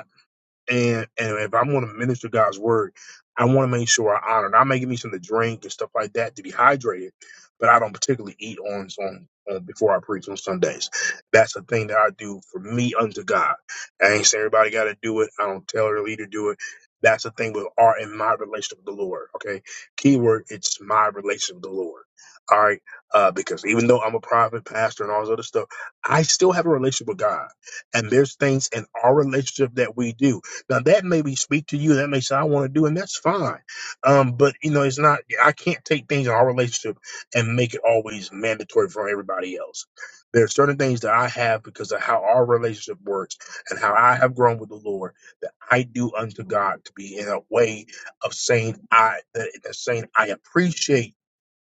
[SPEAKER 1] and and if I'm going to minister God's word, I want to make sure I honor. Not making me something to drink and stuff like that to be hydrated, but I don't particularly eat on on uh, before I preach on Sundays. That's a thing that I do for me unto God. I ain't say everybody got to do it. I don't tell her leader to do it. That's the thing with art in my relationship with the Lord. Okay, keyword it's my relationship with the Lord. All right, uh, because even though I'm a prophet, pastor, and all this other stuff, I still have a relationship with God, and there's things in our relationship that we do. Now that maybe speak to you. That may say I want to do, and that's fine. Um, but you know, it's not. I can't take things in our relationship and make it always mandatory for everybody else. There are certain things that I have because of how our relationship works and how I have grown with the Lord that I do unto God to be in a way of saying I that, that saying I appreciate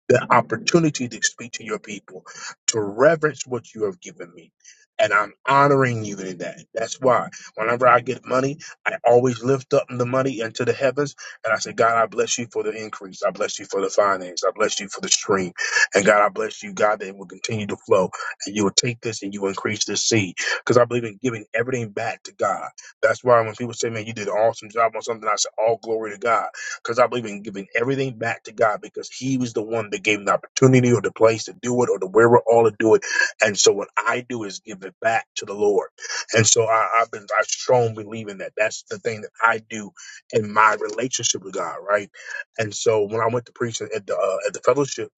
[SPEAKER 1] the opportunity to speak to your people, to reverence what you have given me. And I'm honoring you in that. That's why whenever I get money, I always lift up the money into the heavens. And I say, God, I bless you for the increase. I bless you for the finance. I bless you for the stream. And God, I bless you, God, that it will continue to flow. And you will take this and you will increase this seed. Because I believe in giving everything back to God. That's why when people say, man, you did an awesome job on something, I say, all glory to God because I believe in giving everything back to God because He was the one that gave me the opportunity or the place to do it or the wherewithal to do it. And so what I do is give it back to the Lord. And so I, I've been I strongly believe in that. That's the thing that I do in my relationship with God, right? And so when I went to preach at the uh, at the fellowship,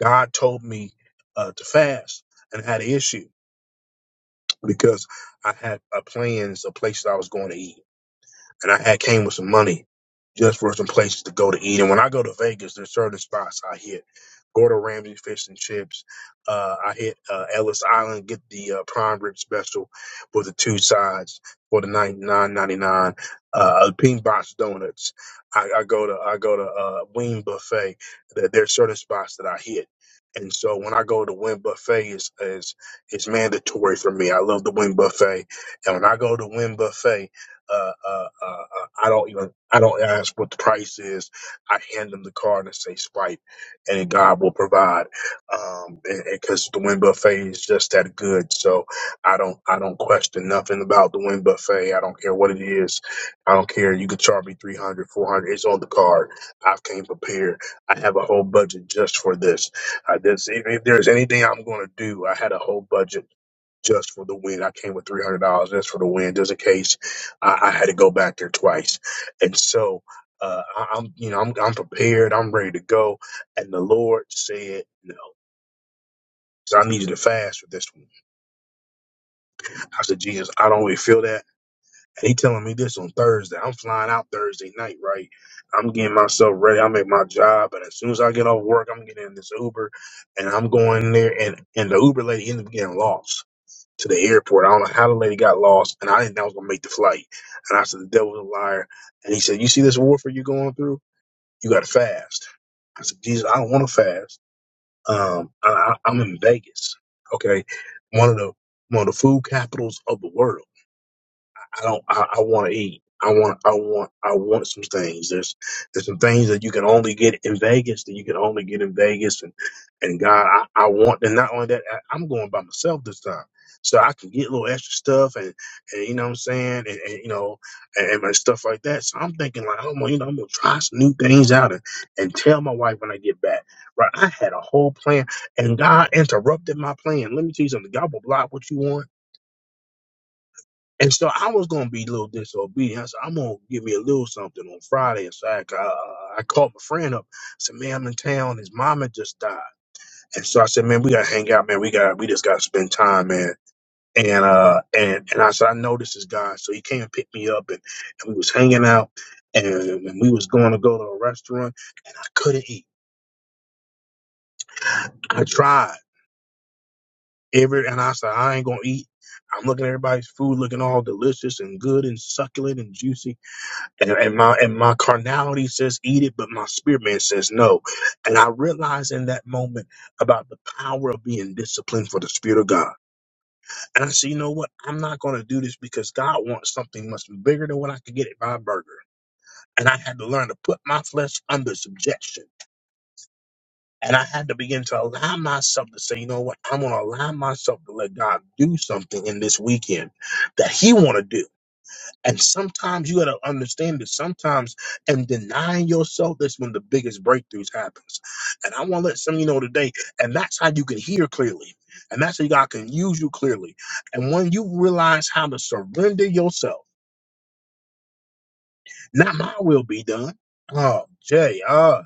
[SPEAKER 1] God told me uh, to fast and I had an issue because I had uh, plans of places I was going to eat and I had came with some money just for some places to go to eat. And when I go to Vegas, there's certain spots I hit. Gordon Ramsay fish and chips. Uh, I hit uh, Ellis Island, get the uh, prime rib special with the two sides for the nine nine ninety nine. Uh, Pink Box donuts. I, I go to I go to uh, Wing Buffet. There- There's certain spots that I hit, and so when I go to Wing Buffet is is is mandatory for me. I love the Wing Buffet, and when I go to Wing Buffet uh, uh, uh, uh, I don't even I don't ask what the price is. I hand them the card and say swipe, and then God will provide. Um, because the wind buffet is just that good, so I don't I don't question nothing about the wind buffet. I don't care what it is. I don't care. You could charge me 300, 400. It's on the card. I've came prepared. I have a whole budget just for this. Uh, this if, if there's anything I'm going to do, I had a whole budget just for the win. I came with three hundred dollars just for the win, just in case I, I had to go back there twice. And so uh, I, I'm, you know, I'm, I'm prepared. I'm ready to go. And the Lord said, no. 'cause I need you to fast for this one. I said, Jesus, I don't really feel that. And he telling me this on Thursday. I'm flying out Thursday night, right? I'm getting myself ready. I'm at my job. And as soon as I get off work, I'm getting in this Uber and I'm going there. And, and the Uber lady ended up getting lost. to the airport. I don't know how the lady got lost, and I didn't know I was gonna make the flight. And I said, "The devil's a liar." And he said, "You see this warfare you're going through? You got to fast." I said, "Jesus, I don't want to fast. Um, I, I, I'm in Vegas. Okay, one of the one of the food capitals of the world." I don't. I, I want to eat. I want. I want. I want some things. There's there's some things that you can only get in Vegas. That you can only get in Vegas. And and God, I, I want. And not only that, I, I'm going by myself this time, so I can get a little extra stuff. And, and you know what I'm saying. And, and you know, and, and my stuff like that. So I'm thinking like, I'm gonna, you know, I'm gonna try some new things out and, and tell my wife when I get back. Right? I had a whole plan, and God interrupted my plan. Let me tell you something. God will block what you want and so I was gonna be a little disobedient. I said, I'm gonna give me a little something on Friday. And so I, I, I called my friend up. I said, man, I'm in town. His mama just died. And so I said, man, we gotta hang out, man. We got we just gotta spend time, man. And uh and and I said, I know this is God. So he came and picked me up and, and we was hanging out and, and we was going to go to a restaurant. I couldn't eat. I tried every and I said, I ain't gonna eat. I'm looking at everybody's food looking all delicious and good and succulent and juicy And, and my and my carnality says eat it, but my spirit man says no. And I realized in that moment about the power of being disciplined for the spirit of God. And I said, you know what? I'm not going to do this because God wants something much bigger than what I could get at my burger. And I had to learn to put my flesh under subjection. And I had to begin to allow myself to say, you know what? I'm going to allow myself to let God do something in this weekend that He want to do And sometimes you gotta understand that sometimes and denying yourself that's when the biggest breakthroughs happens. And I wanna let some of you know today, and that's how you can hear clearly. And that's how God can use you clearly. And when you realize how to surrender yourself, not my will be done. Oh, Jay, uh,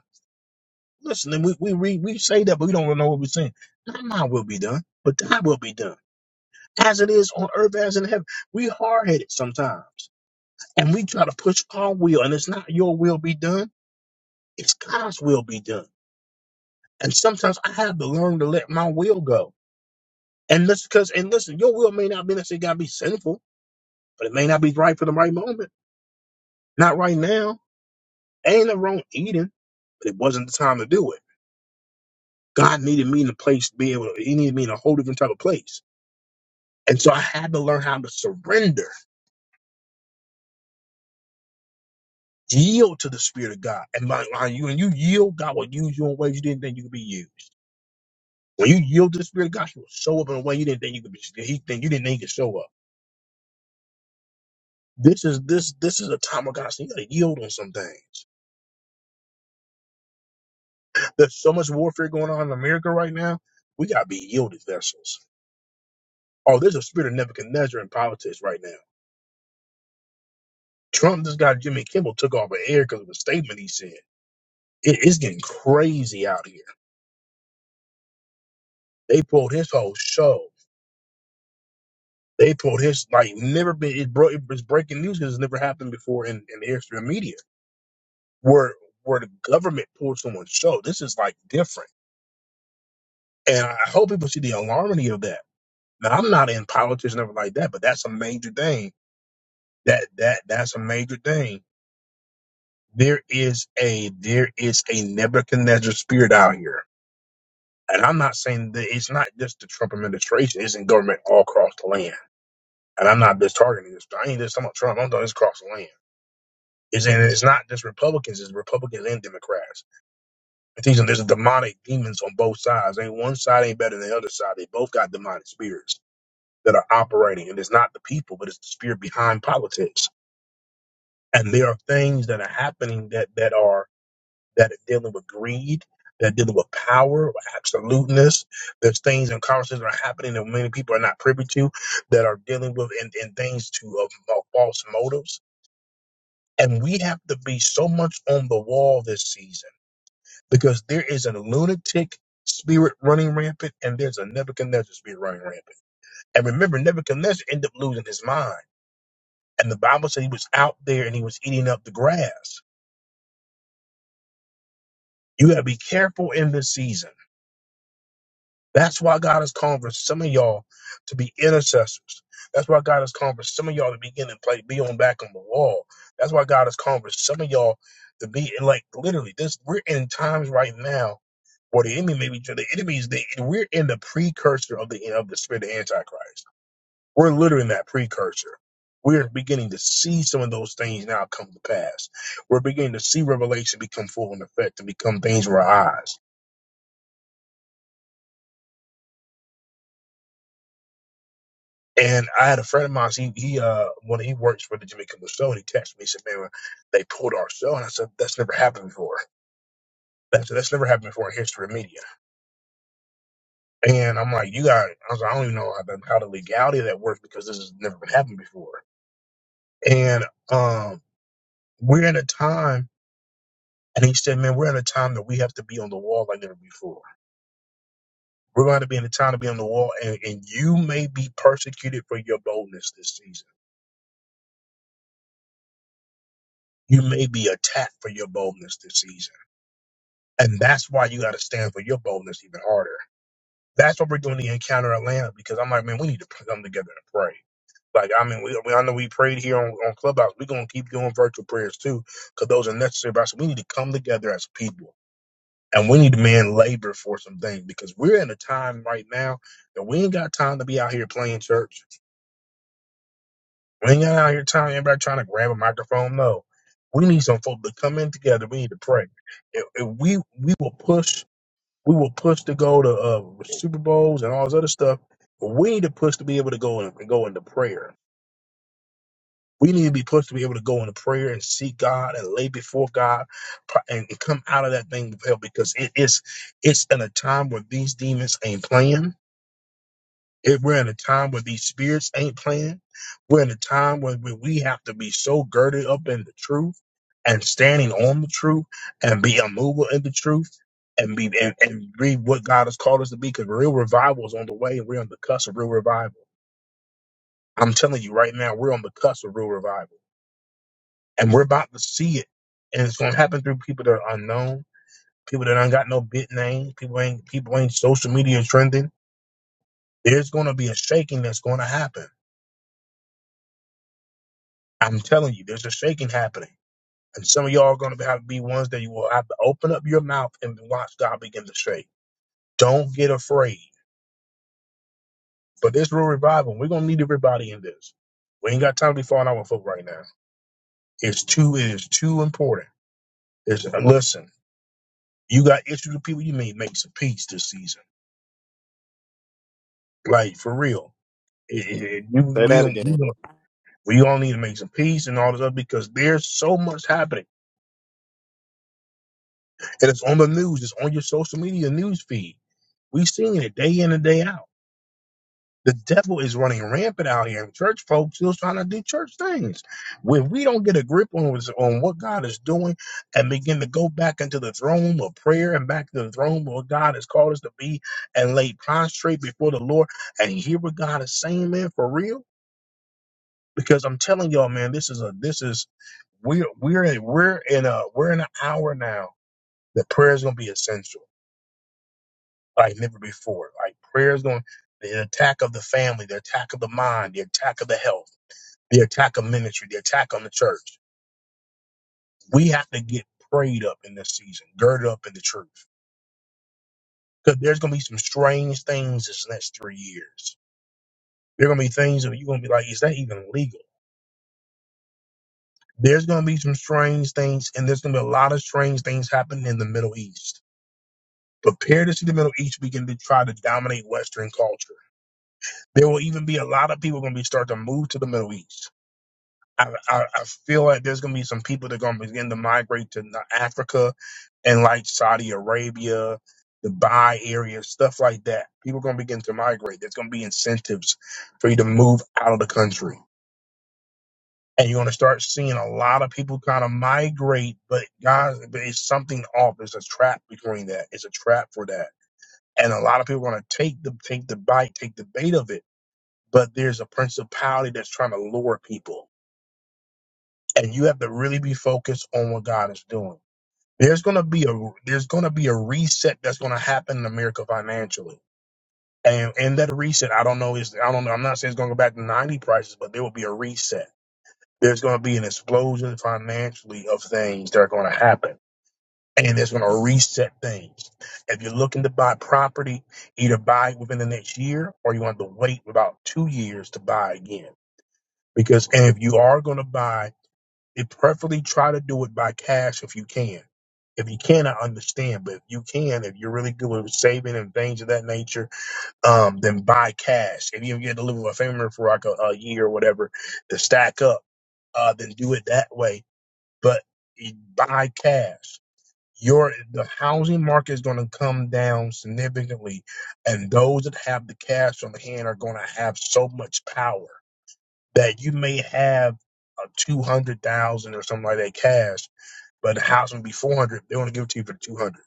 [SPEAKER 1] listen, and we we read we say that, but we don't really know what we're saying. Not my will be done, but thy will be done. As it is on earth as in heaven. We hard headed sometimes. And we try to push our will, and it's not your will be done it's God's will be done. And sometimes I have to learn to let my will go. And listen, because and listen, your will may not be necessarily gotta be sinful, but it may not be right for the right moment. Not right now. Ain't no wrong eating, but it wasn't the time to do it. God needed me in a place to be able to, he needed me in a whole different type of place. And so I had to learn how to surrender, yield to the Spirit of God. And by, by you and you yield, God will use you in ways you didn't think you could be used. When you yield to the Spirit of God, He will show up in a way you didn't think you could be. He think you didn't think He could show up. This is this this is a time of God's. You gotta yield on some things. There's so much warfare going on in America right now. We gotta be yielded vessels. Oh, there's a spirit of Nebuchadnezzar in politics right now. Trump, this guy Jimmy Kimmel took off an air because of a statement he said. It- it's getting crazy out here. They pulled his whole show. They pulled his like never been. It bro, it's breaking news because it's never happened before in in the history of media. Where where the government pulled someone's show. This is like different, and I hope people see the alarmity of that Now I'm not in politics, never like that, but that's a major thing. That that that's a major thing. There is a there is a Nebuchadnezzar spirit out here, and I'm not saying that it's not just the Trump administration; it's in government all across the land. And I'm not just targeting this. I ain't just talking about Trump. I'm talking this across the land. It's and it's not just Republicans; it's Republicans and Democrats. I think there's demonic demons on both sides. Ain't one side ain't better than the other side. They both got demonic spirits that are operating, and it's not the people, but it's the spirit behind politics and there are things that are happening that that are that are dealing with greed that are dealing with power with absoluteness there's things and conversations that are happening that many people are not privy to that are dealing with and, and things to of of false motives and we have to be so much on the wall this season because there is a lunatic spirit running rampant and there's a nebuchadnezzar spirit running rampant and remember nebuchadnezzar ended up losing his mind and the bible said he was out there and he was eating up the grass You got to be careful in this season. That's why God is calling for some of y'all to be intercessors. That's why God is calling for some of y'all to begin to play, be on back on the wall. That's why God is calling for some of y'all to be like literally this. We're in times right now where the enemy may be the enemies. The, we're in the precursor of the of the spirit of Antichrist. We're literally in that precursor. We're beginning to see some of those things now come to pass. We're beginning to see revelation become full in effect and become things for our eyes. And I had a friend of mine. He, he uh, when he works for the Jamaican Show, and he texted me. He said, "Man, they pulled our show," and I said, "That's never happened before. That's that's never happened before in history of media." And I'm like, "You got?" I was like, "I don't even know how the, how the legality of that works because this has never been happened before." And um, we're in a time, and he said, "Man, we're in a time that we have to be on the wall like never before. We're going to be in a time to be on the wall, and, and you may be persecuted for your boldness this season. You may be attacked for your boldness this season." And that's why you got to stand for your boldness even harder. That's what we're doing the encounter Atlanta because I'm like, man, we need to come together and pray. Like, I mean, we, we I know we prayed here on, on Clubhouse. We're going to keep doing virtual prayers too because those are necessary. But I said, we need to come together as people and we need to, man, labor for some things because we're in a time right now that we ain't got time to be out here playing church. We ain't got out here time, everybody trying to grab a microphone. No. We need some folk to come in together. We need to pray. If, if we we will push We will push to go to uh, Super Bowls and all this other stuff. But we need to push to be able to go and go into prayer. We need to be pushed to be able to go into prayer and seek God and lay before God pro- and and come out of that thing with help because it is it's in a time where these demons ain't playing it, we're in a time where these spirits ain't playing. We're in a time where when we have to be so girded up in the truth and standing on the truth and be immovable in the truth and be and, and be what God has called us to be because real revival is on the way and we're on the cusp of real revival. I'm telling you right now, we're on the cusp of real revival and we're about to see it. And it's going to happen through people that are unknown, people that ain't got no big name, people ain't people ain't social media trending. There's going to be a shaking that's going to happen I'm telling you, there's a shaking happening. And some of y'all are going to have to be ones that you will have to open up your mouth and watch God begin to shake. Don't get afraid. But this real revival, we're going to need everybody in this. We ain't got time to be falling out with folk right now. It's too, it is too important. It's, uh, listen, you got issues with people, you may make some peace this season. Like, for real. It- it- it- we,
[SPEAKER 2] Say
[SPEAKER 1] we,
[SPEAKER 2] that
[SPEAKER 1] don't-
[SPEAKER 2] again.
[SPEAKER 1] we, don't- we all need to make some peace and all this other because there's so much happening. And it's on the news, it's on your social media news feed We've seen it day in and day out. The devil is running rampant out here, and church folks still trying to do church things. When we don't get a grip on, what's- on what God is doing and begin to go back into the throne of prayer and back to the throne where God has called us to be and lay prostrate before the Lord and hear what God is saying, man, for real. Because I'm telling y'all, man, this is a this is we're we're in we're in a we're in an hour now that prayer is gonna be essential like never before. Like prayer is going the attack of the family, the attack of the mind, the attack of the health, the attack of ministry, the attack on the church. We have to get prayed up in this season, girded up in the truth. Because there's gonna be some strange things this next three years. There are gonna be things that you're gonna be like, is that even legal? There's gonna be some strange things, and there's gonna be a lot of strange things happening in the Middle East. Prepare to see the Middle East begin to try to dominate Western culture. There will even be a lot of people gonna be start to move to the Middle East I, I, I feel like there's gonna be some people that are gonna begin to migrate to N- Africa and like Saudi Arabia, Dubai area, stuff like that. People are gonna begin to migrate. There's gonna be incentives for you to move out of the country. And you're gonna start seeing a lot of people kind of migrate, but guys, but it's something off. There's a trap between that. It's a trap for that. And a lot of people are gonna take the take the bite, take the bait of it. But there's a principality that's trying to lure people and you have to really be focused on what God is doing. There's gonna be a there's gonna be a reset that's gonna happen in America financially, and in that reset, I don't know is I don't know I'm not saying it's gonna go back to ninety prices, but there will be a reset. There's gonna be an explosion financially of things that are gonna happen, and it's gonna reset things. If you're looking to buy property, either buy it within the next year or you want to wait about two years to buy again. Because and if you are gonna buy it preferably try to do it by cash if you can. If you can, I understand, but if you can, if you're really good with saving and things of that nature, um, then buy cash. If you get to live with a family for like a, a year or whatever to stack up, uh, then do it that way. But you buy cash. Your the housing market is going to come down significantly, and those that have the cash on hand are going to have so much power that you may have a two hundred thousand or something like that cash but the house will be four hundred. They want to give it to you for two hundred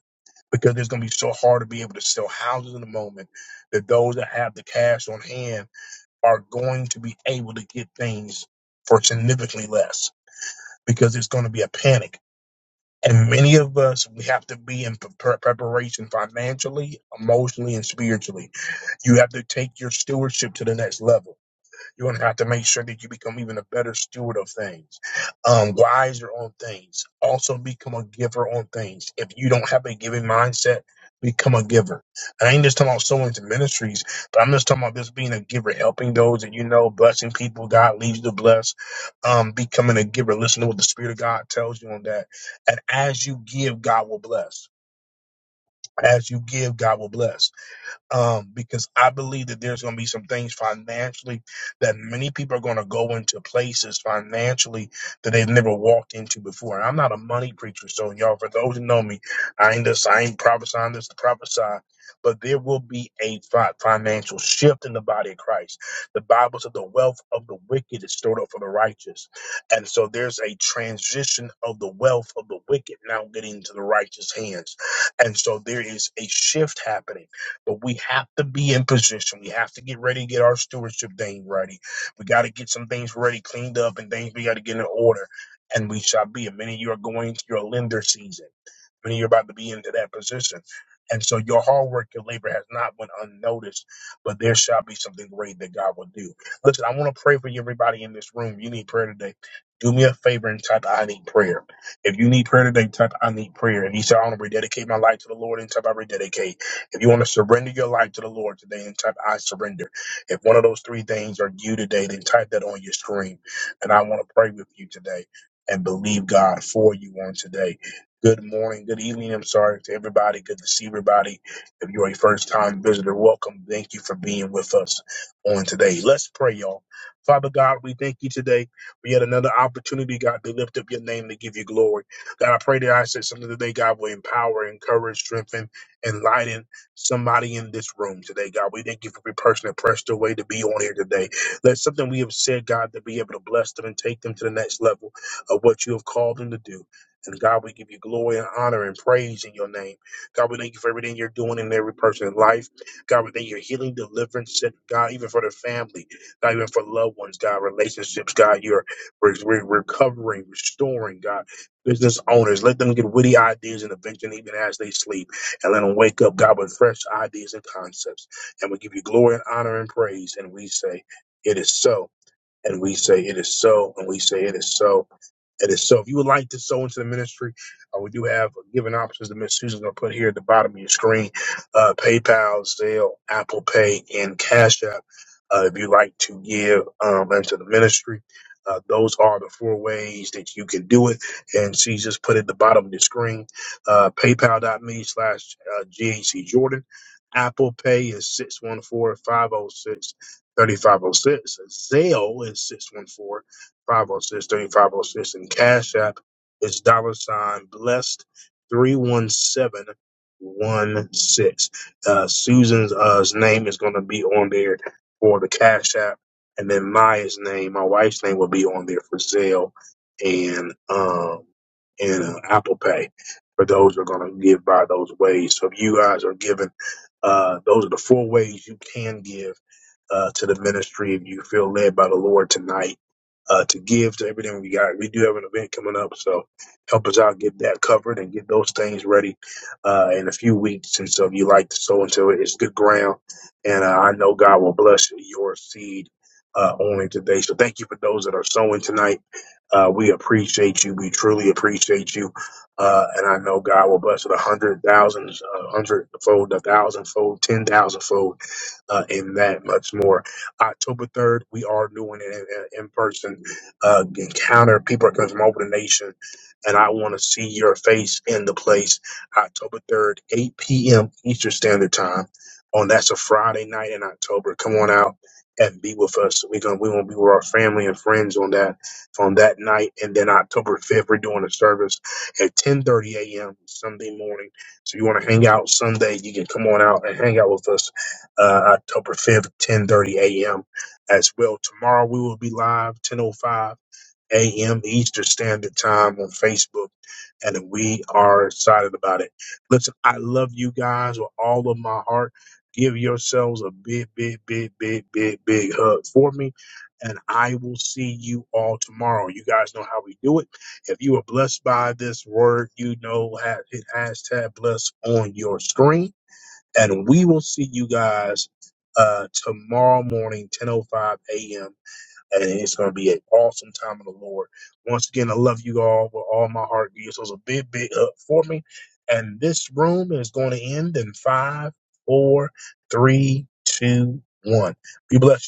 [SPEAKER 1] because it's gonna be so hard to be able to sell houses in the moment that those that have the cash on hand are going to be able to get things for significantly less because it's going to be a panic. And many of us, we have to be in pre- preparation financially, emotionally, and spiritually. You have to take your stewardship to the next level you're going to have to make sure that you become even a better steward of things, um, wiser on things. Also, become a giver on things. If you don't have a giving mindset, become a giver. And I ain't just talking about sowing to ministries, but I'm just talking about just being a giver, helping those that you know, blessing people. God leads you to bless. Um, becoming a giver. Listen to what the Spirit of God tells you on that. And as you give, God will bless. As you give, God will bless um, because I believe that there's going to be some things financially that many people are going to go into places financially that they've never walked into before. And I'm not a money preacher, so y'all, for those who know me, I ain't this, I ain't prophesying this to prophesy, but there will be a fi- financial shift in the body of Christ. The Bible said the wealth of the wicked is stored up for the righteous, and so there's a transition of the wealth of the wicked now getting into the righteous hands, and so there is a shift happening but we have to be in position. We have to get ready to get our stewardship thing ready. We got to get some things ready, cleaned up, and things we got to get in order. And we shall be. And many of you are going into your lender season. Many of you are about to be into that position. And so your hard work, your labor has not went unnoticed, but there shall be something great that God will do. Listen, I want to pray for you, everybody in this room. You need prayer today. Do me a favor and type, I need prayer. If you need prayer today, type, I need prayer. And you say, I want to rededicate my life to the Lord and type, I rededicate if you want to surrender your life to the Lord today, then type I surrender. If one of those three things are you today, then type that on your screen. And I want to pray with you today and believe God for you on today. Good morning, good evening. I'm sorry to everybody. Good to see everybody. If you're a first time visitor, welcome. Thank you for being with us on today. Let's pray, y'all. Father God, we thank you today We yet another opportunity, God, to lift up your name to give you glory. God, I pray that I said something today, God, will empower, encourage, strengthen, enlighten somebody in this room today, God. We thank you for every person that pressed their way to be on here today. Let something we have said, God, to be able to bless them and take them to the next level of what you have called them to do. And God, we give you glory and honor and praise in your name. God, we thank you for everything you're doing in every person's life. God, we thank you for healing, deliverance, and God, even for the family, God, even for loved ones, God, relationships, God, you're re- re- recovering, restoring, God, business owners. Let them get witty ideas and invention even as they sleep and let them wake up, God, with fresh ideas and concepts. And we give you glory and honor and praise. And we say, It is so. And we say, It is so. And we say, It is so. That is so. If you would like to sow into the ministry, uh, we do have giving options that Miss Susan's going to put here at the bottom of your screen: uh, PayPal, Zelle, Apple Pay, and Cash App. Uh, if you'd like to give um, into the ministry, uh, those are the four ways that you can do it. And she just put it at the bottom of the screen: uh, PayPal.me slash GAC Jordan. Apple Pay is six one four five zero six thirty five zero six, Zelle is 614 Five oh six, thirty-five oh six, and Cash App is dollar sign blessed 31716. Uh, Susan's uh, name is going to be on there for the Cash App. And then Maya's name, my wife's name will be on there for Zelle and, um, and uh, Apple Pay for those who are going to give by those ways. So if you guys are giving uh, those are the four ways you can give uh, to the ministry if you feel led by the Lord tonight uh, to give to everything we got. We do have an event coming up, so help us out get that covered and get those things ready uh, in a few weeks. And so if you like to sow into it, it's good ground, and uh, I know God will bless your seed. Uh, only today. So thank you for those that are sowing tonight. Uh, we appreciate you. We truly appreciate you. Uh, and I know God will bless it a hundred thousands, a hundredfold, a thousandfold, ten thousandfold, uh, and that much more. October 3rd, we are doing an in, in person uh, encounter. People are coming from over the nation, and I want to see your face in the place. October 3rd, 8 p.m. Eastern Standard Time. On that's a Friday night in October. Come on out and be with us. We're gonna we gonna be with our family and friends on that on that night. And then October 5th, we're doing a service at 10:30 a.m. Sunday morning. So if you want to hang out Sunday, you can come on out and hang out with us uh, October 5th, 10:30 a.m. as well. Tomorrow we will be live 10:05 a.m. Eastern Standard Time on Facebook, and we are excited about it. Listen, I love you guys with all of my heart. Give yourselves a big, big, big, big, big, big hug for me, and I will see you all tomorrow. You guys know how we do it. If you are blessed by this word, you know ha- hit hashtag blessed on your screen, and we will see you guys uh, tomorrow morning, 10:05 a.m and it's going to be an awesome time in the Lord. Once again, I love you all with all my heart. This was a big, big up for me. And this room is going to end in five, four, three, two, one. Be blessed. y'all.